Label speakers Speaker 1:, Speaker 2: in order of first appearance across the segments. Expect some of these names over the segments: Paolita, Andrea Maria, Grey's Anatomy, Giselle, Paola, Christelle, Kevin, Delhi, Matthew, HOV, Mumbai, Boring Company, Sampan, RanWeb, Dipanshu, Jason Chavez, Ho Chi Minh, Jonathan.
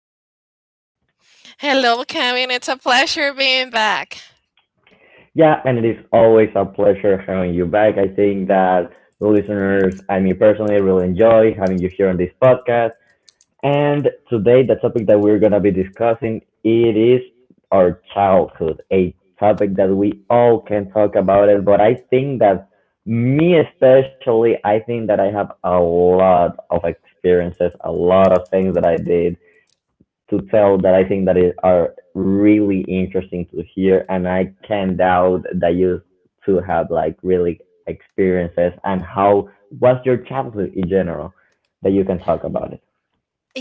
Speaker 1: Paul.
Speaker 2: Hello, Kevin. It's a pleasure being back.
Speaker 1: Yeah, and it is always a pleasure having you back. I think that the listeners and me personally really enjoy having you here on this podcast. And today, the topic that we're gonna be discussing it is our childhood, a topic that we all can talk about it. But I think that me especially, I think that I have a lot of experiences, a lot of things that I did to tell that I think that it are really interesting to hear, and I can not doubt that you two have like really experiences and how was your childhood in general that you can talk about it.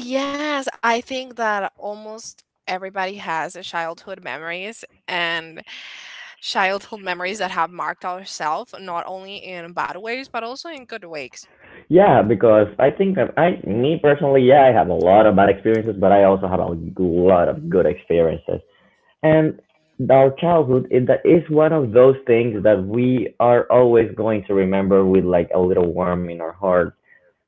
Speaker 2: Yes, I think that almost everybody has a childhood memories and childhood memories that have marked ourselves, not only in bad ways, but also in good ways.
Speaker 1: Yeah, because I think that me personally, yeah, I have a lot of bad experiences, but I also have a lot of good experiences, and our childhood is that is one of those things that we are always going to remember with like a little warm in our heart,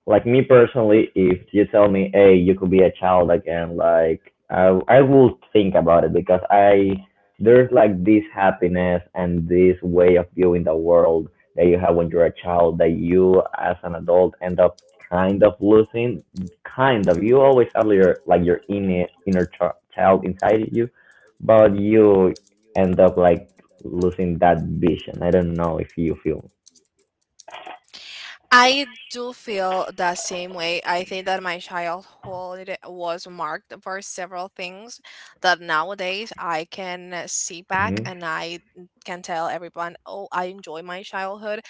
Speaker 1: like me personally, if you tell me, hey, you could be a child again, like I will think about it because I there's like this happiness and this way of viewing the world that you have when you're a child that you as an adult end up kind of losing, kind of you always have your like your inner child inside you but you end up like losing that vision. I don't know if you feel.
Speaker 2: I do feel the same way. I think that my childhood was marked for several things that nowadays I can see back
Speaker 1: Mhm.
Speaker 2: and I can tell everyone, oh, I enjoy my childhood.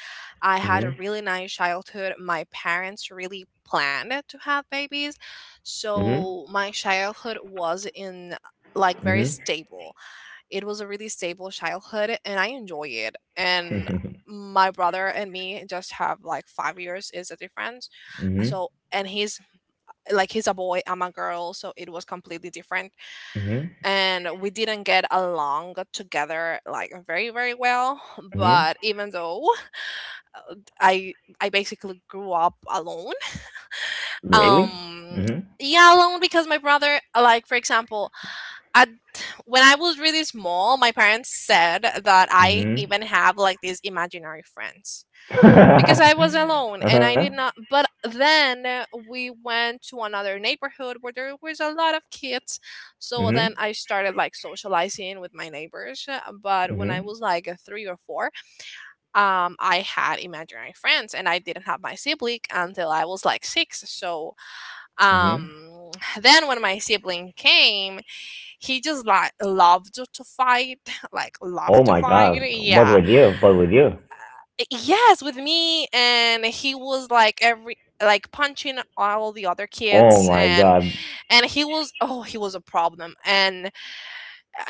Speaker 2: I had a
Speaker 1: Mhm.
Speaker 2: really nice childhood. My parents really planned to have babies.
Speaker 1: Mhm.
Speaker 2: So my childhood was in like very stable, it was a really stable childhood and I enjoy it. And
Speaker 1: Mhm.
Speaker 2: my brother and me just have like 5 years is the difference.
Speaker 1: Mhm.
Speaker 2: So and he's like he's a boy, I'm a girl, so it was completely different.
Speaker 1: Mhm.
Speaker 2: And we didn't get along together like very, very well.
Speaker 1: Mhm.
Speaker 2: But even though I I basically grew up alone.
Speaker 1: Really?
Speaker 2: Um
Speaker 1: Mhm.
Speaker 2: yeah, alone because my brother like for example at when I was really small, my parents said that I
Speaker 1: Mhm.
Speaker 2: even have like these imaginary friends because
Speaker 1: Uh
Speaker 2: I was alone and
Speaker 1: huh.
Speaker 2: I did not. But then we went to another neighborhood where there was a lot of kids, so then
Speaker 1: Mhm.
Speaker 2: I started like socializing with my neighbors. But when I
Speaker 1: Mhm.
Speaker 2: was like three or four, I had imaginary friends and I didn't have my sibling until I was like six. So
Speaker 1: Mhm.
Speaker 2: um, then when my sibling came, he just like loved to fight like
Speaker 1: Oh
Speaker 2: loved to
Speaker 1: my
Speaker 2: fight,
Speaker 1: God. But
Speaker 2: yeah.
Speaker 1: with you, but with you.
Speaker 2: Eh, yes, with me, and he was like every like punching all the other
Speaker 1: Oh
Speaker 2: kids,
Speaker 1: my God.
Speaker 2: and he was, oh, he was a problem, and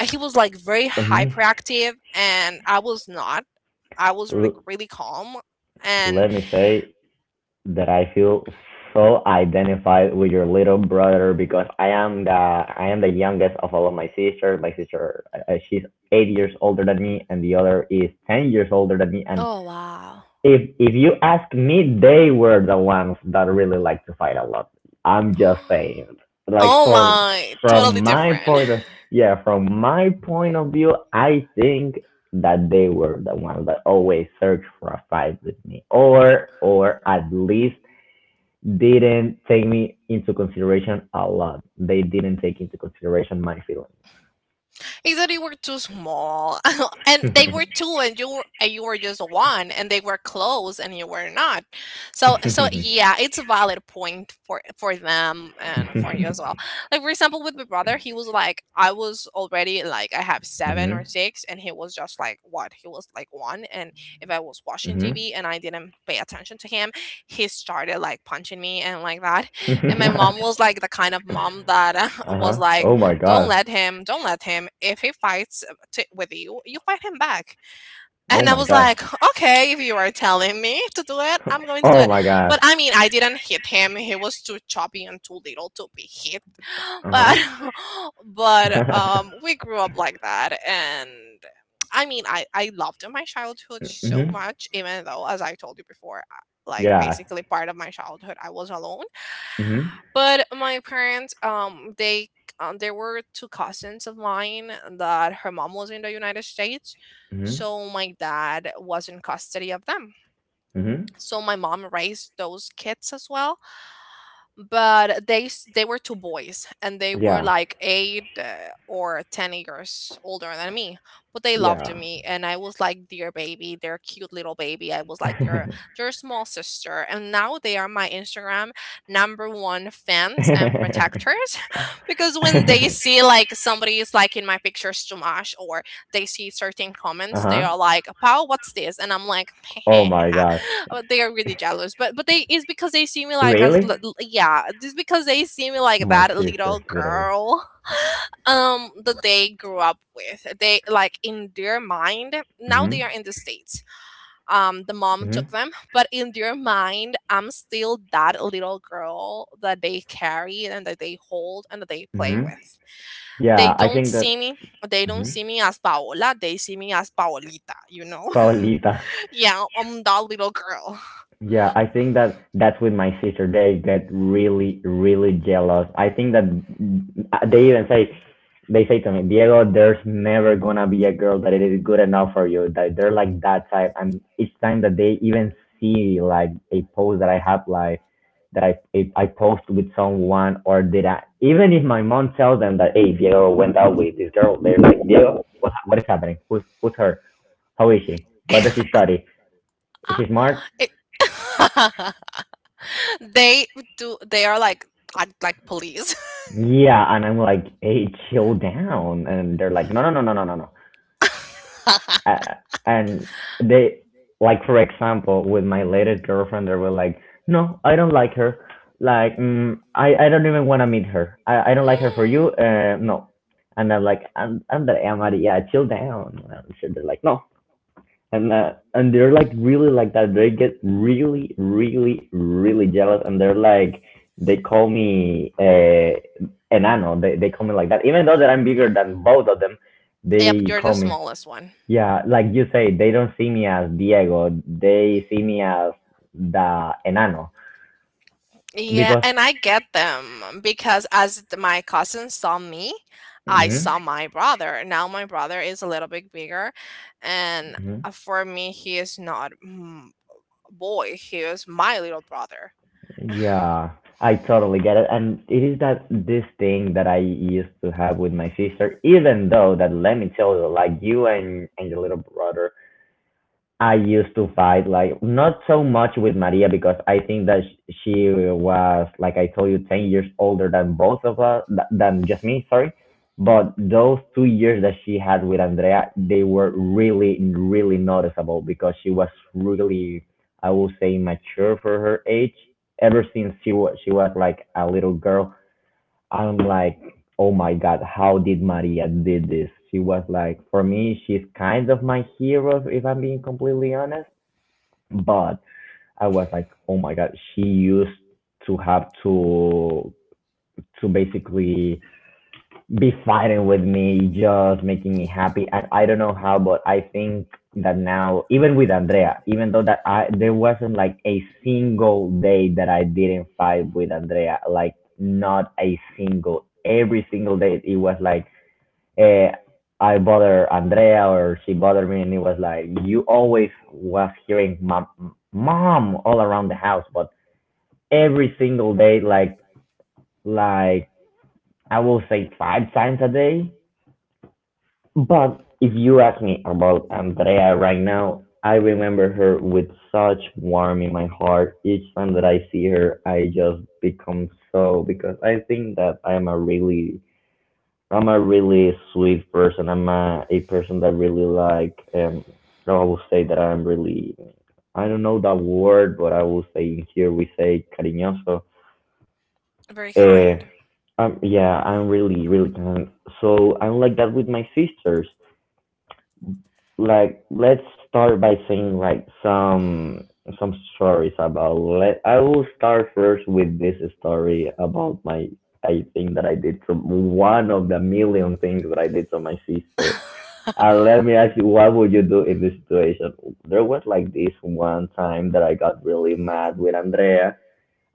Speaker 2: he was like very
Speaker 1: Mhm.
Speaker 2: hyperactive and I was not. I was like
Speaker 1: L-
Speaker 2: really calm, and
Speaker 1: Let me say that I feel so identified with your little brother because I am the youngest of all of my sisters. My sister, she's 8 years older than me, and the other is 10 years older than me, and
Speaker 2: oh wow,
Speaker 1: if you ask me, they were the ones that really like to fight a lot. I'm just saying, like
Speaker 2: oh
Speaker 1: from
Speaker 2: my,
Speaker 1: from
Speaker 2: totally
Speaker 1: my
Speaker 2: different.
Speaker 1: point of, yeah, from my point of view, I think that they were the ones that always searched for a fight with me, or at least didn't take me into consideration a lot. They didn't take into consideration my feelings.
Speaker 2: He said you were too small, and they were two, and you were, and you were just one, and they were close, and you were not. So, so yeah, it's a valid point for them and for you as well. Like for example, with my brother, he was like, I was already like I have seven or
Speaker 1: Mhm.
Speaker 2: six, and he was just like what? He was like one, and if I was watching
Speaker 1: Mhm.
Speaker 2: TV and I didn't pay attention to him, he started like punching me and like that. And my
Speaker 1: Uh
Speaker 2: mom was like the kind of mom that was
Speaker 1: huh.
Speaker 2: like,
Speaker 1: Oh my
Speaker 2: don't
Speaker 1: god.
Speaker 2: let him, don't let him, if he fights, with you, you fight him back.
Speaker 1: Oh
Speaker 2: And I
Speaker 1: my
Speaker 2: was
Speaker 1: gosh.
Speaker 2: like, okay, if you are telling me to do it, I'm going to do
Speaker 1: Oh
Speaker 2: it.
Speaker 1: my gosh.
Speaker 2: But I mean, I didn't hit him, he was too choppy and too little to be hit.
Speaker 1: Uh
Speaker 2: But
Speaker 1: huh.
Speaker 2: but we grew up like that. And I mean, I loved my childhood so
Speaker 1: Mhm.
Speaker 2: much, even though, as I told you before, like
Speaker 1: Yeah.
Speaker 2: basically part of my childhood I was alone.
Speaker 1: Mhm.
Speaker 2: But my parents, they, there were two cousins of mine that her mom was in the United States,
Speaker 1: Mhm.
Speaker 2: so my dad was in custody of them.
Speaker 1: Mhm.
Speaker 2: So my mom raised those kids as well, but they were two boys and they were
Speaker 1: Yeah.
Speaker 2: like eight or 10 years older than me, but they loved
Speaker 1: Yeah.
Speaker 2: me, and I was like their baby, their cute little baby. I was like their their small sister. And now they are my Instagram number one fans and protectors because when they see like somebody is liking my pictures too much, or they see certain
Speaker 1: Uh
Speaker 2: comments, they
Speaker 1: huh.
Speaker 2: are like, Pau, what's this? And I'm like,
Speaker 1: Oh my god.
Speaker 2: uh, they are really jealous. But they, it's because they see me like as
Speaker 1: Really?
Speaker 2: yeah, just because they see me like
Speaker 1: My
Speaker 2: that little
Speaker 1: sister's literally.
Speaker 2: girl, that they grew up with. They like, in their mind, now they
Speaker 1: Mhm.
Speaker 2: are in the states. The mom took
Speaker 1: Mhm.
Speaker 2: them, but in their mind, I'm still that little girl that they carry and that they hold and that they play
Speaker 1: Mhm.
Speaker 2: with. They
Speaker 1: Yeah. I
Speaker 2: don't
Speaker 1: think
Speaker 2: see
Speaker 1: that.
Speaker 2: me. They don't
Speaker 1: Mhm.
Speaker 2: see me as Paola. They see me as Paolita. You know,
Speaker 1: Paulita.
Speaker 2: yeah, I'm that little girl.
Speaker 1: Yeah, I think that that's with my sister. They get really, really jealous. I think that they even say, they say to me, Diego, there's never gonna be a girl that it is good enough for you. That they're like that type, and each time that they even see like a post that I have, like that I if I post with someone or did I, even if my mom tells them that, hey, Diego went out with this girl, they're like, Diego, what is happening? Who's her? How is she? What does she study? Is
Speaker 2: Ah,
Speaker 1: she smart?
Speaker 2: It- they do, they are like, I like police.
Speaker 1: Yeah, and I'm like, hey, chill down. And they're like, no, no, no, no, no, no, no. Uh, and they, like, for example, with my latest girlfriend, they were like, no, I don't like her. Like, mm, I don't even want to meet her. I don't like her for you. No. And I'm like, and Andrea Maria, chill down. And so they're like, no, and they're like really like that. They get really, really, really jealous, and they're like they call me enano. They call me like that, even though that I'm bigger than both of them.
Speaker 2: Yeah,
Speaker 1: They
Speaker 2: but you're the
Speaker 1: call me,
Speaker 2: smallest one.
Speaker 1: yeah, like you say, they don't see me as Diego. They see me as the enano
Speaker 2: Yeah,
Speaker 1: because.
Speaker 2: and I get them, because as my cousin saw me, I
Speaker 1: Hmm.
Speaker 2: saw my brother. Now my brother is a little bit bigger, and
Speaker 1: Hmm.
Speaker 2: for me, he is not, boy, he is my little brother.
Speaker 1: Yeah, I totally get it. And it is that this thing that I used to have with my sister, even though that let me tell you, like you and, your little brother, I used to fight like not so much with Maria because I think that she was like I told you 10 years older than both of us than just me, sorry. But those 2 years that she had with Andrea, they were really really noticeable because she was really, I will say mature for her age ever since she was, she was like a little girl. I'm like, oh my God, how did Maria did this? She was like, for me, she's kind of my hero if I'm being completely honest. But I was like, oh my God, she used to have to basically be fighting with me, just making me happy. And I don't know how, but I think that now, even with Andrea, even though that I there wasn't like a single day that I didn't fight with Andrea, like not a single. Every single day, it was like, eh, I bother Andrea or she bothered me, and it was like you always was hearing mom, mom all around the house, but every single day, like I will say 5 times a day. But if you ask me about Andrea right now, I remember her with such warmth in my heart. Each time that I see her, I just become so because I think that I'm a really, I'm a really sweet person. I'm a person that really like um, I will say that I'm really, I don't know that word, but I will say in here we say cariñoso.
Speaker 2: Very
Speaker 1: Uh,
Speaker 2: kind.
Speaker 1: yeah, I'm really really kind. So I'm like that with my sisters. Like let's start by saying like some stories about, let I will start first with this story about my, I think that I did some one of the million things that I did to my sister. And let me ask you, what would you do in this situation? There was like this one time that I got really mad with Andrea,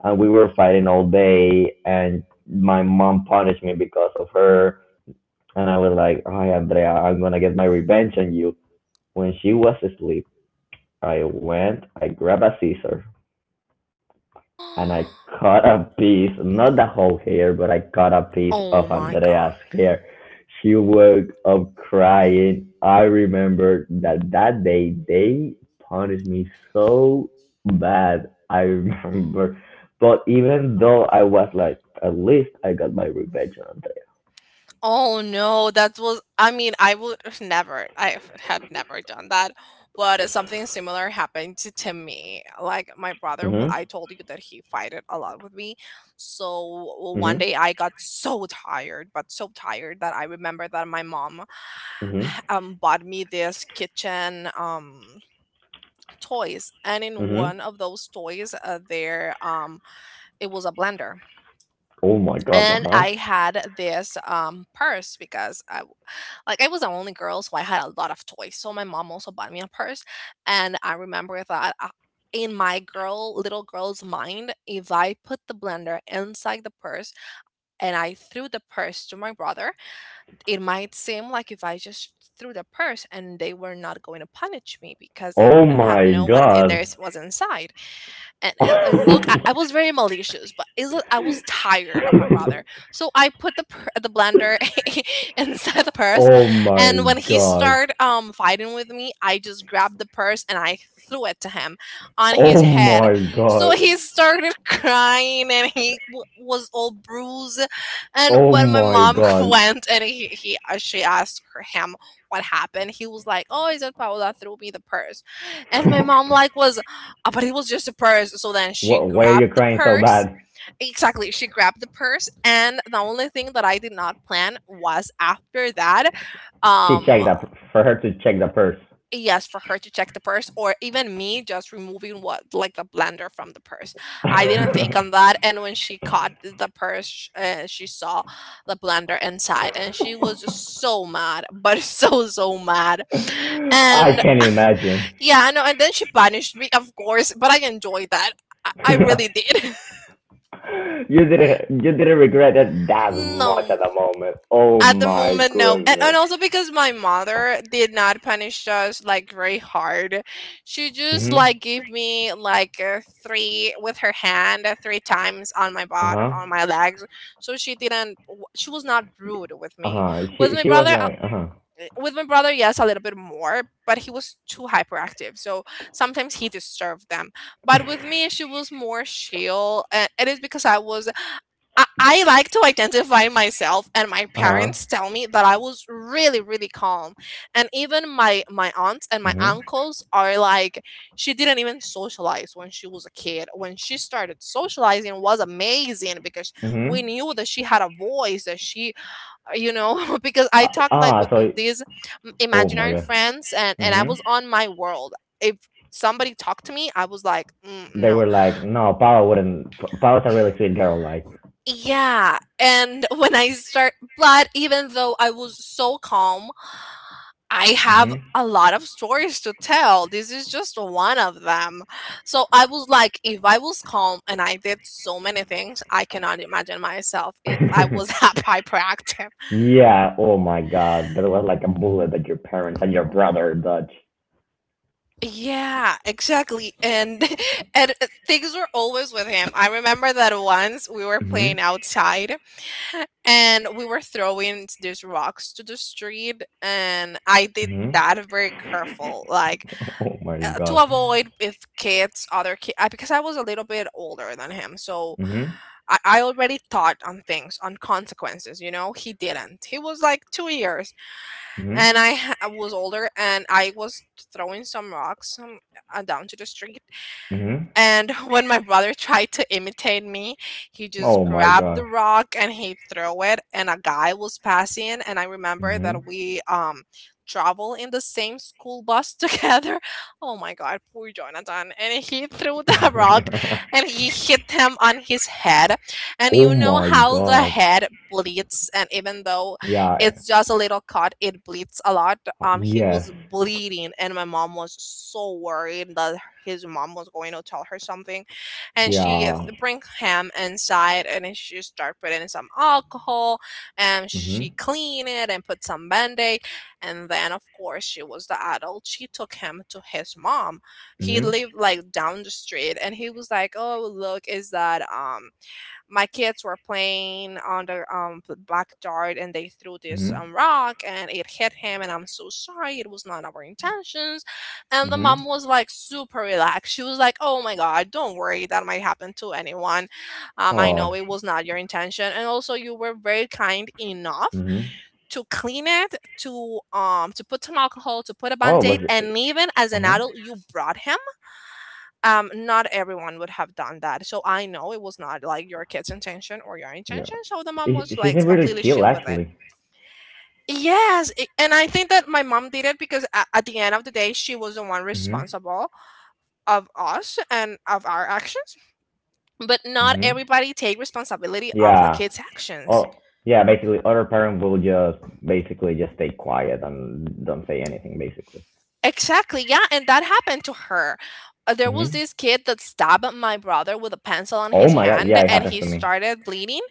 Speaker 1: and we were fighting all day, and my mom punished me because of her. And I was like, "Hi, Andrea, I'm gonna get my revenge on you." When she was asleep, I went, I grabbed a scissor, and I cut a piece, not the whole hair, but I cut a piece
Speaker 2: Oh
Speaker 1: of
Speaker 2: my god.
Speaker 1: Andrea's hair. She woke up crying. I remember that that day they punished me so bad. I remember. But even though I was like, at least I got my revenge on
Speaker 2: Oh no, that was, I mean, I would never. I had never done that. But something similar happened to me. Like my brother,
Speaker 1: Andrea.
Speaker 2: I told you that he fighted a lot with me. So one
Speaker 1: Hmm.
Speaker 2: day I got so tired, but so tired, that I remember that my mom
Speaker 1: Hmm. Hmm.
Speaker 2: bought me this kitchen toys, and in
Speaker 1: Hmm.
Speaker 2: one of those toys there, it was a blender.
Speaker 1: Oh my god,
Speaker 2: And
Speaker 1: uh-huh.
Speaker 2: I had this purse, because like I was the only girl, so I had a lot of toys. So my mom also bought me a purse, and I remember that in my girl, little girl's mind, if I put the blender inside the purse and I threw the purse to my brother, it might seem like if I just threw the purse and they were not going to punish me, because they
Speaker 1: Oh
Speaker 2: wouldn't have
Speaker 1: my
Speaker 2: known what
Speaker 1: god.
Speaker 2: theirs was inside. And look, I was very malicious, but it, look, I was tired of my brother. So I put the blender inside the purse.
Speaker 1: Oh
Speaker 2: And
Speaker 1: my
Speaker 2: when he
Speaker 1: god.
Speaker 2: started fighting with me, I just grabbed the purse and I threw it to him on
Speaker 1: Oh
Speaker 2: his
Speaker 1: my
Speaker 2: head. So
Speaker 1: god.
Speaker 2: he started crying and he was all bruised. And
Speaker 1: Oh
Speaker 2: when my
Speaker 1: my
Speaker 2: mom
Speaker 1: god.
Speaker 2: went, and he she asked him what happened, he was like, oh, it's just Paola threw me the purse. And my mom like was, but it was just a purse. So then she
Speaker 1: Wh- Why are you
Speaker 2: grabbed the
Speaker 1: crying so
Speaker 2: purse.
Speaker 1: bad?
Speaker 2: Exactly, she grabbed the purse. And the only thing that I did not plan was after that,
Speaker 1: She
Speaker 2: um,
Speaker 1: checked that, for her to check the purse.
Speaker 2: yes, for her to check the purse, or even me just removing what, like the blender from the purse. I didn't think on that. And when she caught the purse, she saw the blender inside, and she was just so mad, but so, so mad.
Speaker 1: I
Speaker 2: And
Speaker 1: can not imagine.
Speaker 2: yeah, I know. And then she punished me, of course, but I enjoyed that. I really did.
Speaker 1: You didn't, you didn't regret it that much at
Speaker 2: No,
Speaker 1: the moment. Oh
Speaker 2: at the
Speaker 1: my
Speaker 2: moment, no. And
Speaker 1: goodness.
Speaker 2: also because my mother did not punish us like very hard. She just
Speaker 1: Mhm.
Speaker 2: like gave me like three with her hand, three times on my
Speaker 1: Uh
Speaker 2: butt
Speaker 1: huh.
Speaker 2: or on my legs. So she didn't, she was not rude with
Speaker 1: Uh
Speaker 2: me.
Speaker 1: huh.
Speaker 2: With my
Speaker 1: She was
Speaker 2: brother,
Speaker 1: like uh huh.
Speaker 2: eh, with my brother, yes, a little bit more, but he was too hyperactive. So sometimes he disturbed them. But with me, she was more chill. And it is because I was, I like to identify myself, and my
Speaker 1: Uh huh.
Speaker 2: parents tell me that I was really, really calm. And even my, my aunts and my
Speaker 1: Mhm.
Speaker 2: uncles are like, she didn't even socialize when she was a kid. When she started socializing was amazing, because we
Speaker 1: Mhm.
Speaker 2: knew that she had a voice, that she, you know, because I talk like
Speaker 1: Ah,
Speaker 2: with
Speaker 1: so
Speaker 2: these
Speaker 1: oh my
Speaker 2: imaginary
Speaker 1: god.
Speaker 2: friends, and I
Speaker 1: Mhm.
Speaker 2: was on my world. If somebody talked to me I was like, mm,
Speaker 1: They were
Speaker 2: no.
Speaker 1: like, no, Paula wouldn't. Paula's a really sweet girl. Like,
Speaker 2: Yeah, and when I start, but even though I was so calm, I have
Speaker 1: hmm.
Speaker 2: a lot of stories to tell, this is just one of them. So I was like, if I was calm and I did so many things, I cannot imagine myself if I was that hyperactive.
Speaker 1: Yeah. Oh my God, there was like a bullet that your parents and your brother dodged.
Speaker 2: Yeah, exactly. And and things were always with him. I remember that once we were playing
Speaker 1: Mhm.
Speaker 2: outside and we were throwing these rocks to the street, and I did
Speaker 1: Mhm.
Speaker 2: that very careful, like
Speaker 1: Oh my
Speaker 2: to
Speaker 1: God.
Speaker 2: avoid if kids other kids, because I was a little bit older than him. So
Speaker 1: Mhm.
Speaker 2: I already thought on things, on consequences, you know? He didn't. He was like 2 years,
Speaker 1: Mhm.
Speaker 2: and I was older, and I was throwing some rocks, down to the street.
Speaker 1: Mhm.
Speaker 2: And when my brother tried to imitate me, he
Speaker 1: Oh
Speaker 2: just
Speaker 1: my
Speaker 2: grabbed
Speaker 1: God.
Speaker 2: the rock and he threw it. And a guy was passing, and I remember
Speaker 1: Mhm.
Speaker 2: that we travel in the same school bus together. Oh my god, poor Jonathan! And he threw the rock, and he hit him on his head. And
Speaker 1: Oh
Speaker 2: you know
Speaker 1: my
Speaker 2: how the
Speaker 1: God.
Speaker 2: head bleeds, and even though
Speaker 1: Yeah.
Speaker 2: it's just a little cut, it bleeds a lot. He
Speaker 1: Yes.
Speaker 2: was bleeding, and my mom was so worried that his mom was going to tell her something, and she
Speaker 1: Yeah.
Speaker 2: bring him inside, and then she start putting some alcohol, and she
Speaker 1: Mhm.
Speaker 2: clean it and put some band-aid. And then, of course, she was the adult, she took him to his mom. He
Speaker 1: Mhm.
Speaker 2: lived like down the street. And he was like, "Oh, look, is that my kids were playing on the backyard, and they threw this
Speaker 1: Mhm.
Speaker 2: rock and it hit him, and I'm so sorry, it was not our intentions." And the
Speaker 1: Mhm.
Speaker 2: mom was like super relaxed. She was like, "Oh my god, don't worry, that might happen to anyone. I
Speaker 1: Oh.
Speaker 2: know it was not your intention, and also you were very kind enough
Speaker 1: Mhm.
Speaker 2: to clean it, to put some alcohol, to put a
Speaker 1: Oh, was
Speaker 2: band-aid, and
Speaker 1: it?
Speaker 2: even as
Speaker 1: Uh
Speaker 2: an
Speaker 1: huh.
Speaker 2: adult you brought him. Not everyone would have done that, so I know it was not like your kid's intention or your
Speaker 1: Yeah.
Speaker 2: intention." So the mom was
Speaker 1: She
Speaker 2: like
Speaker 1: seemed really
Speaker 2: completely
Speaker 1: chill,
Speaker 2: chill with it.
Speaker 1: actually.
Speaker 2: Yes. And I think that my mom did it because, at the end of the day, she was the one
Speaker 1: Mhm.
Speaker 2: responsible of us and of our actions. But not
Speaker 1: Mhm.
Speaker 2: everybody take responsibility of the
Speaker 1: Yeah.
Speaker 2: kids actions.
Speaker 1: Oh, yeah. Basically, other parent will just basically just stay quiet and don't say anything, basically.
Speaker 2: Exactly. Yeah. And that happened to her. There was
Speaker 1: Mhm.
Speaker 2: this kid that stabbed my brother with a pencil on
Speaker 1: Oh
Speaker 2: his
Speaker 1: my God.
Speaker 2: hand
Speaker 1: Yeah, it
Speaker 2: and
Speaker 1: happens
Speaker 2: he
Speaker 1: to me.
Speaker 2: started bleeding.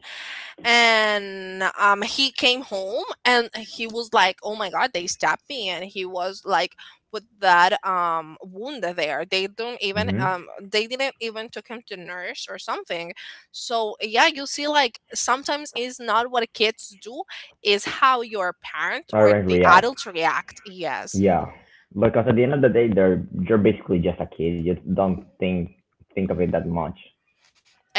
Speaker 2: And he came home and he was like, "Oh my god, they stabbed me." And he was like, with that wound there,
Speaker 1: Mhm.
Speaker 2: they didn't even took him to nurse or something. So, yeah, you see, like sometimes it's not what kids do, is how your parent
Speaker 1: Other
Speaker 2: or
Speaker 1: parents
Speaker 2: the
Speaker 1: react.
Speaker 2: adults react. Yes.
Speaker 1: Yeah. Because at the end of the day, they're you're basically just a kid. You don't think of it that much.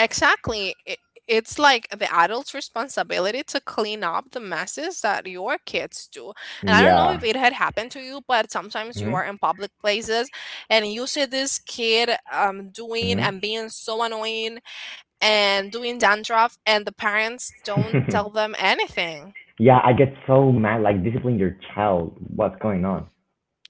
Speaker 2: Exactly. It's like the adult's responsibility to clean up the messes that your kids do. And I don't know if
Speaker 1: Yeah.
Speaker 2: it had happened to you, but sometimes you are
Speaker 1: Mhm.
Speaker 2: in public places and you see this kid doing
Speaker 1: Mhm.
Speaker 2: and being so annoying, and doing dandruff, and the parents don't tell them anything.
Speaker 1: Yeah, I get so mad. Like discipline your child. What's going on?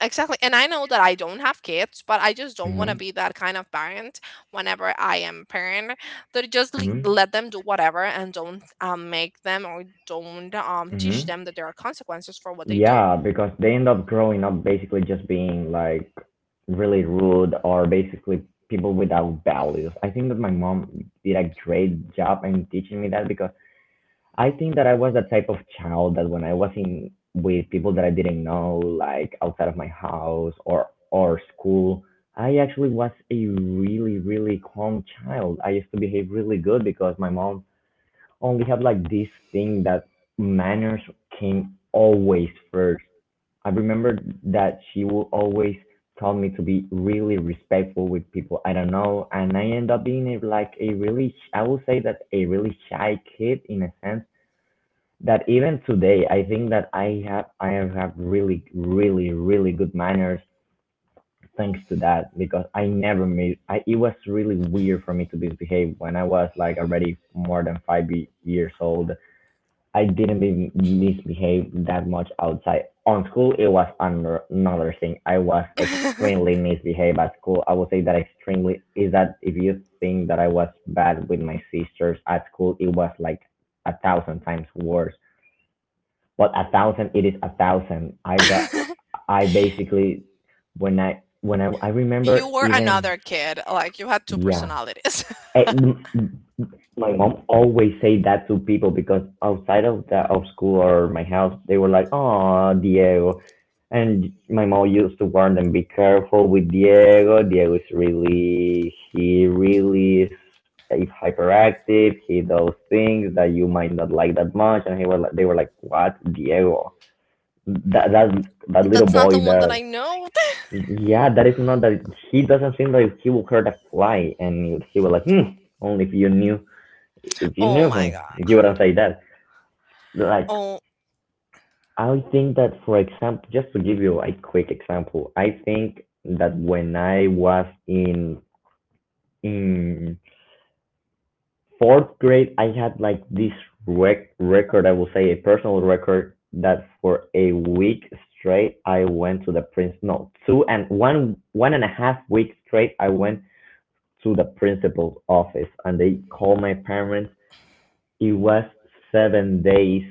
Speaker 2: Exactly. And I know that I don't have kids, but I just don't want to
Speaker 1: Mhm.
Speaker 2: be that kind of parent whenever I am parent, that just
Speaker 1: Mhm.
Speaker 2: let them do whatever and don't, make them or don't, teach
Speaker 1: Mhm.
Speaker 2: them that there are consequences for what they do.
Speaker 1: Yeah, because they end up growing up basically just being like really rude or basically people without values. I think that my mom did a great job in teaching me that because I think that I was the type of child that when I was in with people that I didn't know, like outside of my house or school, I actually was a really, really calm child. I used to behave really good because my mom only had like this thing that manners came always first. I remember that she would always tell me to be really respectful with people. I don't know, and I end up being a, like a really, I would say that a really shy kid, in a sense, that even today I think that I have really, really, really good manners thanks to that, because I never made I it was really weird for me to misbehave when I was like already more than 5 years old. I didn't misbehave that much outside. On school, it was another thing. I was extremely misbehaved at school. I would say that extremely is that, if you think that I was bad with my sisters, at school it was like a thousand times worse. But a thousand, it is a thousand. I got, I basically, when I,
Speaker 2: You were another kid. Like you had two
Speaker 1: Yeah.
Speaker 2: personalities.
Speaker 1: Eh, my mom always say that to people, because outside of school or my house, they were like, "Oh, Diego," and my mom used to warn them, "Be careful with Diego. Diego is really he really is." is hyperactive. He does things that you might not like that much." And he were like they were like, "What, Diego? That that that little
Speaker 2: That's not
Speaker 1: boy?
Speaker 2: the one that
Speaker 1: That
Speaker 2: I know.
Speaker 1: Yeah, that is not — that he doesn't seem like he will hurt a fly." And he was like, only if you knew If you
Speaker 2: Oh
Speaker 1: knew
Speaker 2: my
Speaker 1: him, you
Speaker 2: god.
Speaker 1: wouldn't say that." Like,
Speaker 2: Oh,
Speaker 1: I think that, for example, just to give you a quick example, I think that when I was in fourth grade, I had like this record. I will say a personal record that for a week straight, I went to the prince. No, two and 1.5 weeks straight, I went to the principal's office, and they called my parents. It was seven days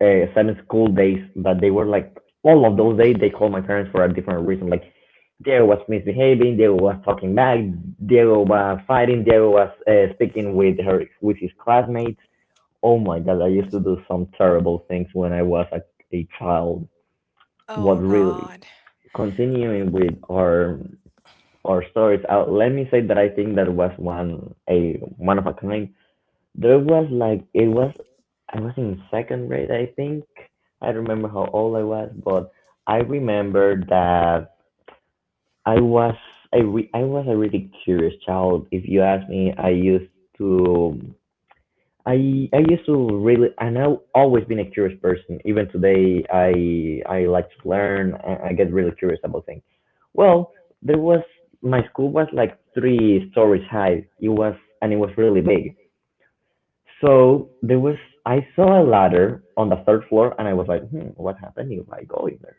Speaker 1: seven school days that they were like, all of those days they called my parents for a different reason. Like, Diego was misbehaving, Diego was talking back, Diego was fighting, Diego was speaking with her with his classmates. Oh my god, I used to do some terrible things when I was a child. What?
Speaker 2: oh
Speaker 1: Really?
Speaker 2: god.
Speaker 1: Continuing with our stories, let me say that I think that was one of a kind. There was like it was I was in second grade, I think. I don't remember how old I was, but I remember that I was I was a really curious child. If you ask me, to I used to really and I've always been a curious person. Even today, I like to learn. I get really curious about things. Well, there was my school was like three stories high. It was and it was really big. So I saw a ladder on the third floor, and I was like, "Hmm, what happened if I go in there?"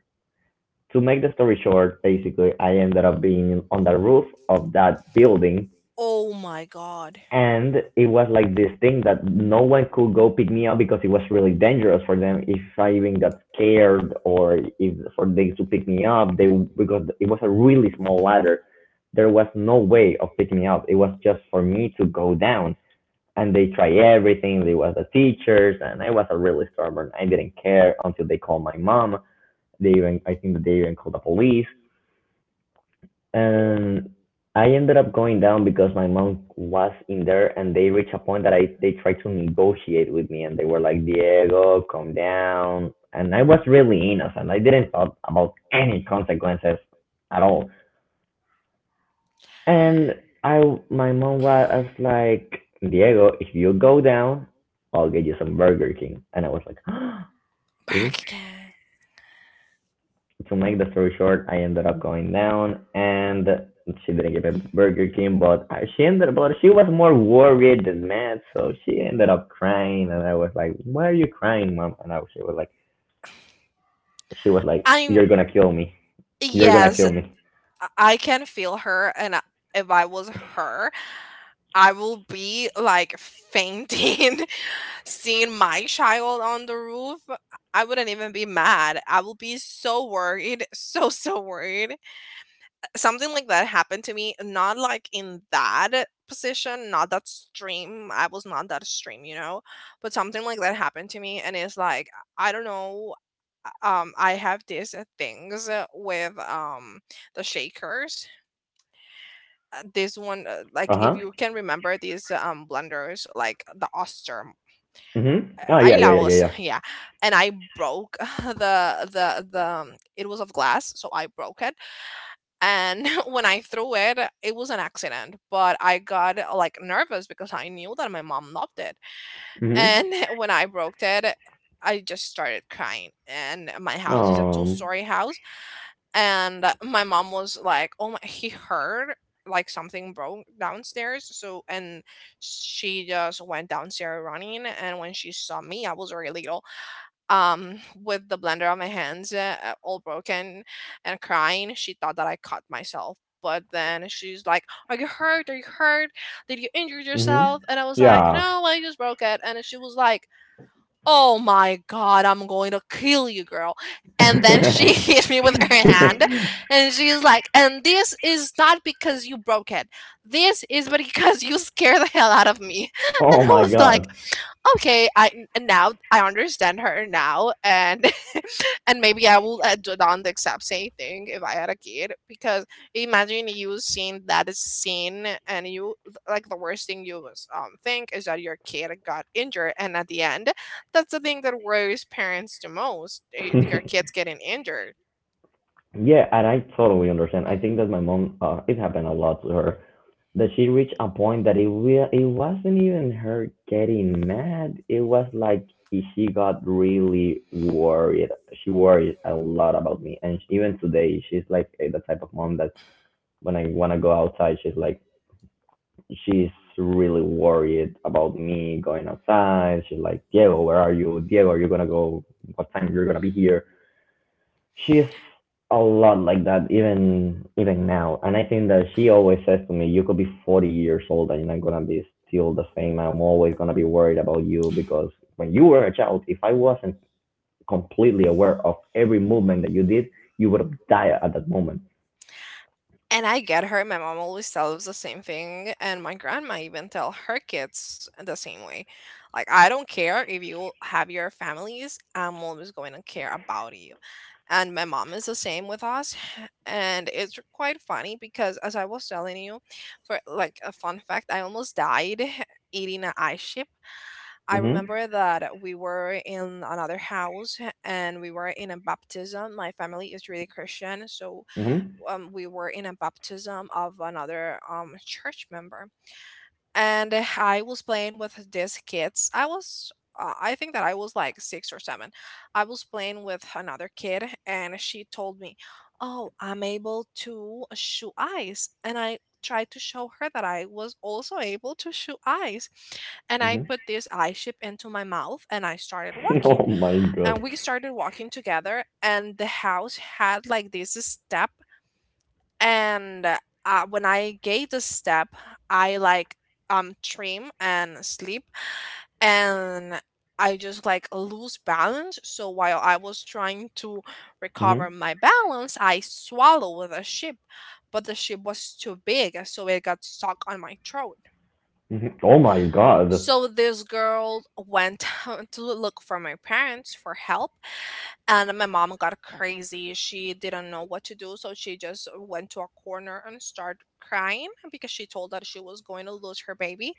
Speaker 1: To make the story short, basically, I ended up being on the roof of that building,
Speaker 2: Oh my god.
Speaker 1: and it was like this thing that no one could go pick me up because it was really dangerous for them if I even got scared, or if for they to pick me up, they because it was a really small ladder. There was no way of picking me up. It was just for me to go down, and they try everything. They were the teachers, and I was a really stubborn. I didn't care until they called my mom. They even — I think that they even called the police — and I ended up going down because my mom was in there, and they reached a point that I they tried to negotiate with me, and they were like, "Diego, calm down," and I was really innocent. I didn't thought about any consequences at all. And I, my mom was like, "Diego, if you go down, I'll get you some Burger King." And I was like, "Oh, really?"
Speaker 2: Back again.
Speaker 1: To make the story short, I ended up going down, and she didn't get a Burger King, but but she was more worried than mad, so she ended up crying, and I was like, "Why are you crying, mom?" She was like,
Speaker 2: I
Speaker 1: "You're gonna kill me. You're gonna
Speaker 2: Yes,
Speaker 1: kill me."
Speaker 2: I can feel her, and, if I was her, I will be like fainting seeing my child on the roof. I wouldn't even be mad. I will be so worried, so, so worried. Something like that happened to me, not like in that position, not that stream. I was not that stream, you know, but something like that happened to me. And it's like, I don't know. I have these, things, with the shakers. This one,
Speaker 1: Uh
Speaker 2: like if
Speaker 1: huh.
Speaker 2: you can remember these blenders like the oster.
Speaker 1: Mhm.
Speaker 2: uh,
Speaker 1: Oh
Speaker 2: I
Speaker 1: yeah, yeah, yeah,
Speaker 2: Laos,
Speaker 1: yeah,
Speaker 2: yeah. And I broke the the the it was of glass, so I broke it. And when I threw it, it was an accident, but I got, like, nervous because I knew that my mom loved it.
Speaker 1: yeah. Mhm.
Speaker 2: And when I broke it, I just started crying, and my house is a
Speaker 1: Um.
Speaker 2: two-story house. And my mom was like, "Oh my!" He heard like something broke downstairs, so. And she just went downstairs running. And when she saw me, I was very little, with the blender on my hands, all broken, and crying. She thought that I cut myself. But then she's like, "Are you hurt? Are you hurt? Did you injure
Speaker 1: Mhm.
Speaker 2: yourself?" And I was like,
Speaker 1: Yeah.
Speaker 2: "No, I just broke it." And she was like, "Oh my god, I'm going to kill you, girl." And then she hit me with her hand, and she's like, "And this is not because you broke it. This is because you scared the hell out of me."
Speaker 1: Oh
Speaker 2: And I
Speaker 1: my
Speaker 2: was like,
Speaker 1: god.
Speaker 2: okay. I And now I understand her now. And and maybe I will, do done the exact same thing if I had a kid, because imagine you seeing that scene, and you, like, the worst thing you think is that your kid got injured. And at the end, that's the thing that worries parents the most, your kids getting injured.
Speaker 1: Yeah, and I totally understand. I think that my mom — it happened a lot to her. That she reached a point that it wasn't even her getting mad. It was like she got really worried. She worried a lot about me, and even today, she's like, the type of mom that when I wanna go outside, she's really worried about me going outside. She's like, "Diego, where are you? Diego, are you gonna go? What time you're gonna be here?" She's a lot like that, even now. And I think that she always says to me, "You could be 40 years old and you're not gonna be still the same. I'm always gonna be worried about you, because when you were a child, if I wasn't completely aware of every movement that you did, you would have died at that moment."
Speaker 2: And I get her. My mom always tells the same thing, and my grandma even tell her kids the same way. Like, "I don't care if you have your families, I'm always going to care about you." And my mom is the same with us. And it's quite funny because, as I was telling you, for like a fun fact, I almost died eating an ice chip. I
Speaker 1: Mhm.
Speaker 2: remember that we were in another house, and we were in a baptism. My family is really Christian, so
Speaker 1: Mhm.
Speaker 2: we were in a baptism of another church member. And, I was playing with these kids. I was, I think that I was like six or seven. I was playing with another kid, and she told me, "Oh, I'm able to shoot eyes," and I tried to show her that I was also able to shoot eyes, and I
Speaker 1: Mhm.
Speaker 2: put this eye chip into my mouth, and I started walking.
Speaker 1: Oh my god.
Speaker 2: And we started walking together, and the house had like this step. And, when I gave the step, I like, trim and sleep. And I just like lose balance, so while I was trying to
Speaker 1: Mhm.
Speaker 2: recover my balance, I swallowed with a ship. But the ship was too big, so it got stuck on my throat.
Speaker 1: Mhm. Oh my god.
Speaker 2: So this girl went to look for my parents for help, and my mom got crazy. She didn't know what to do, so she just went to a corner and started crying because she told that she was going to lose her baby.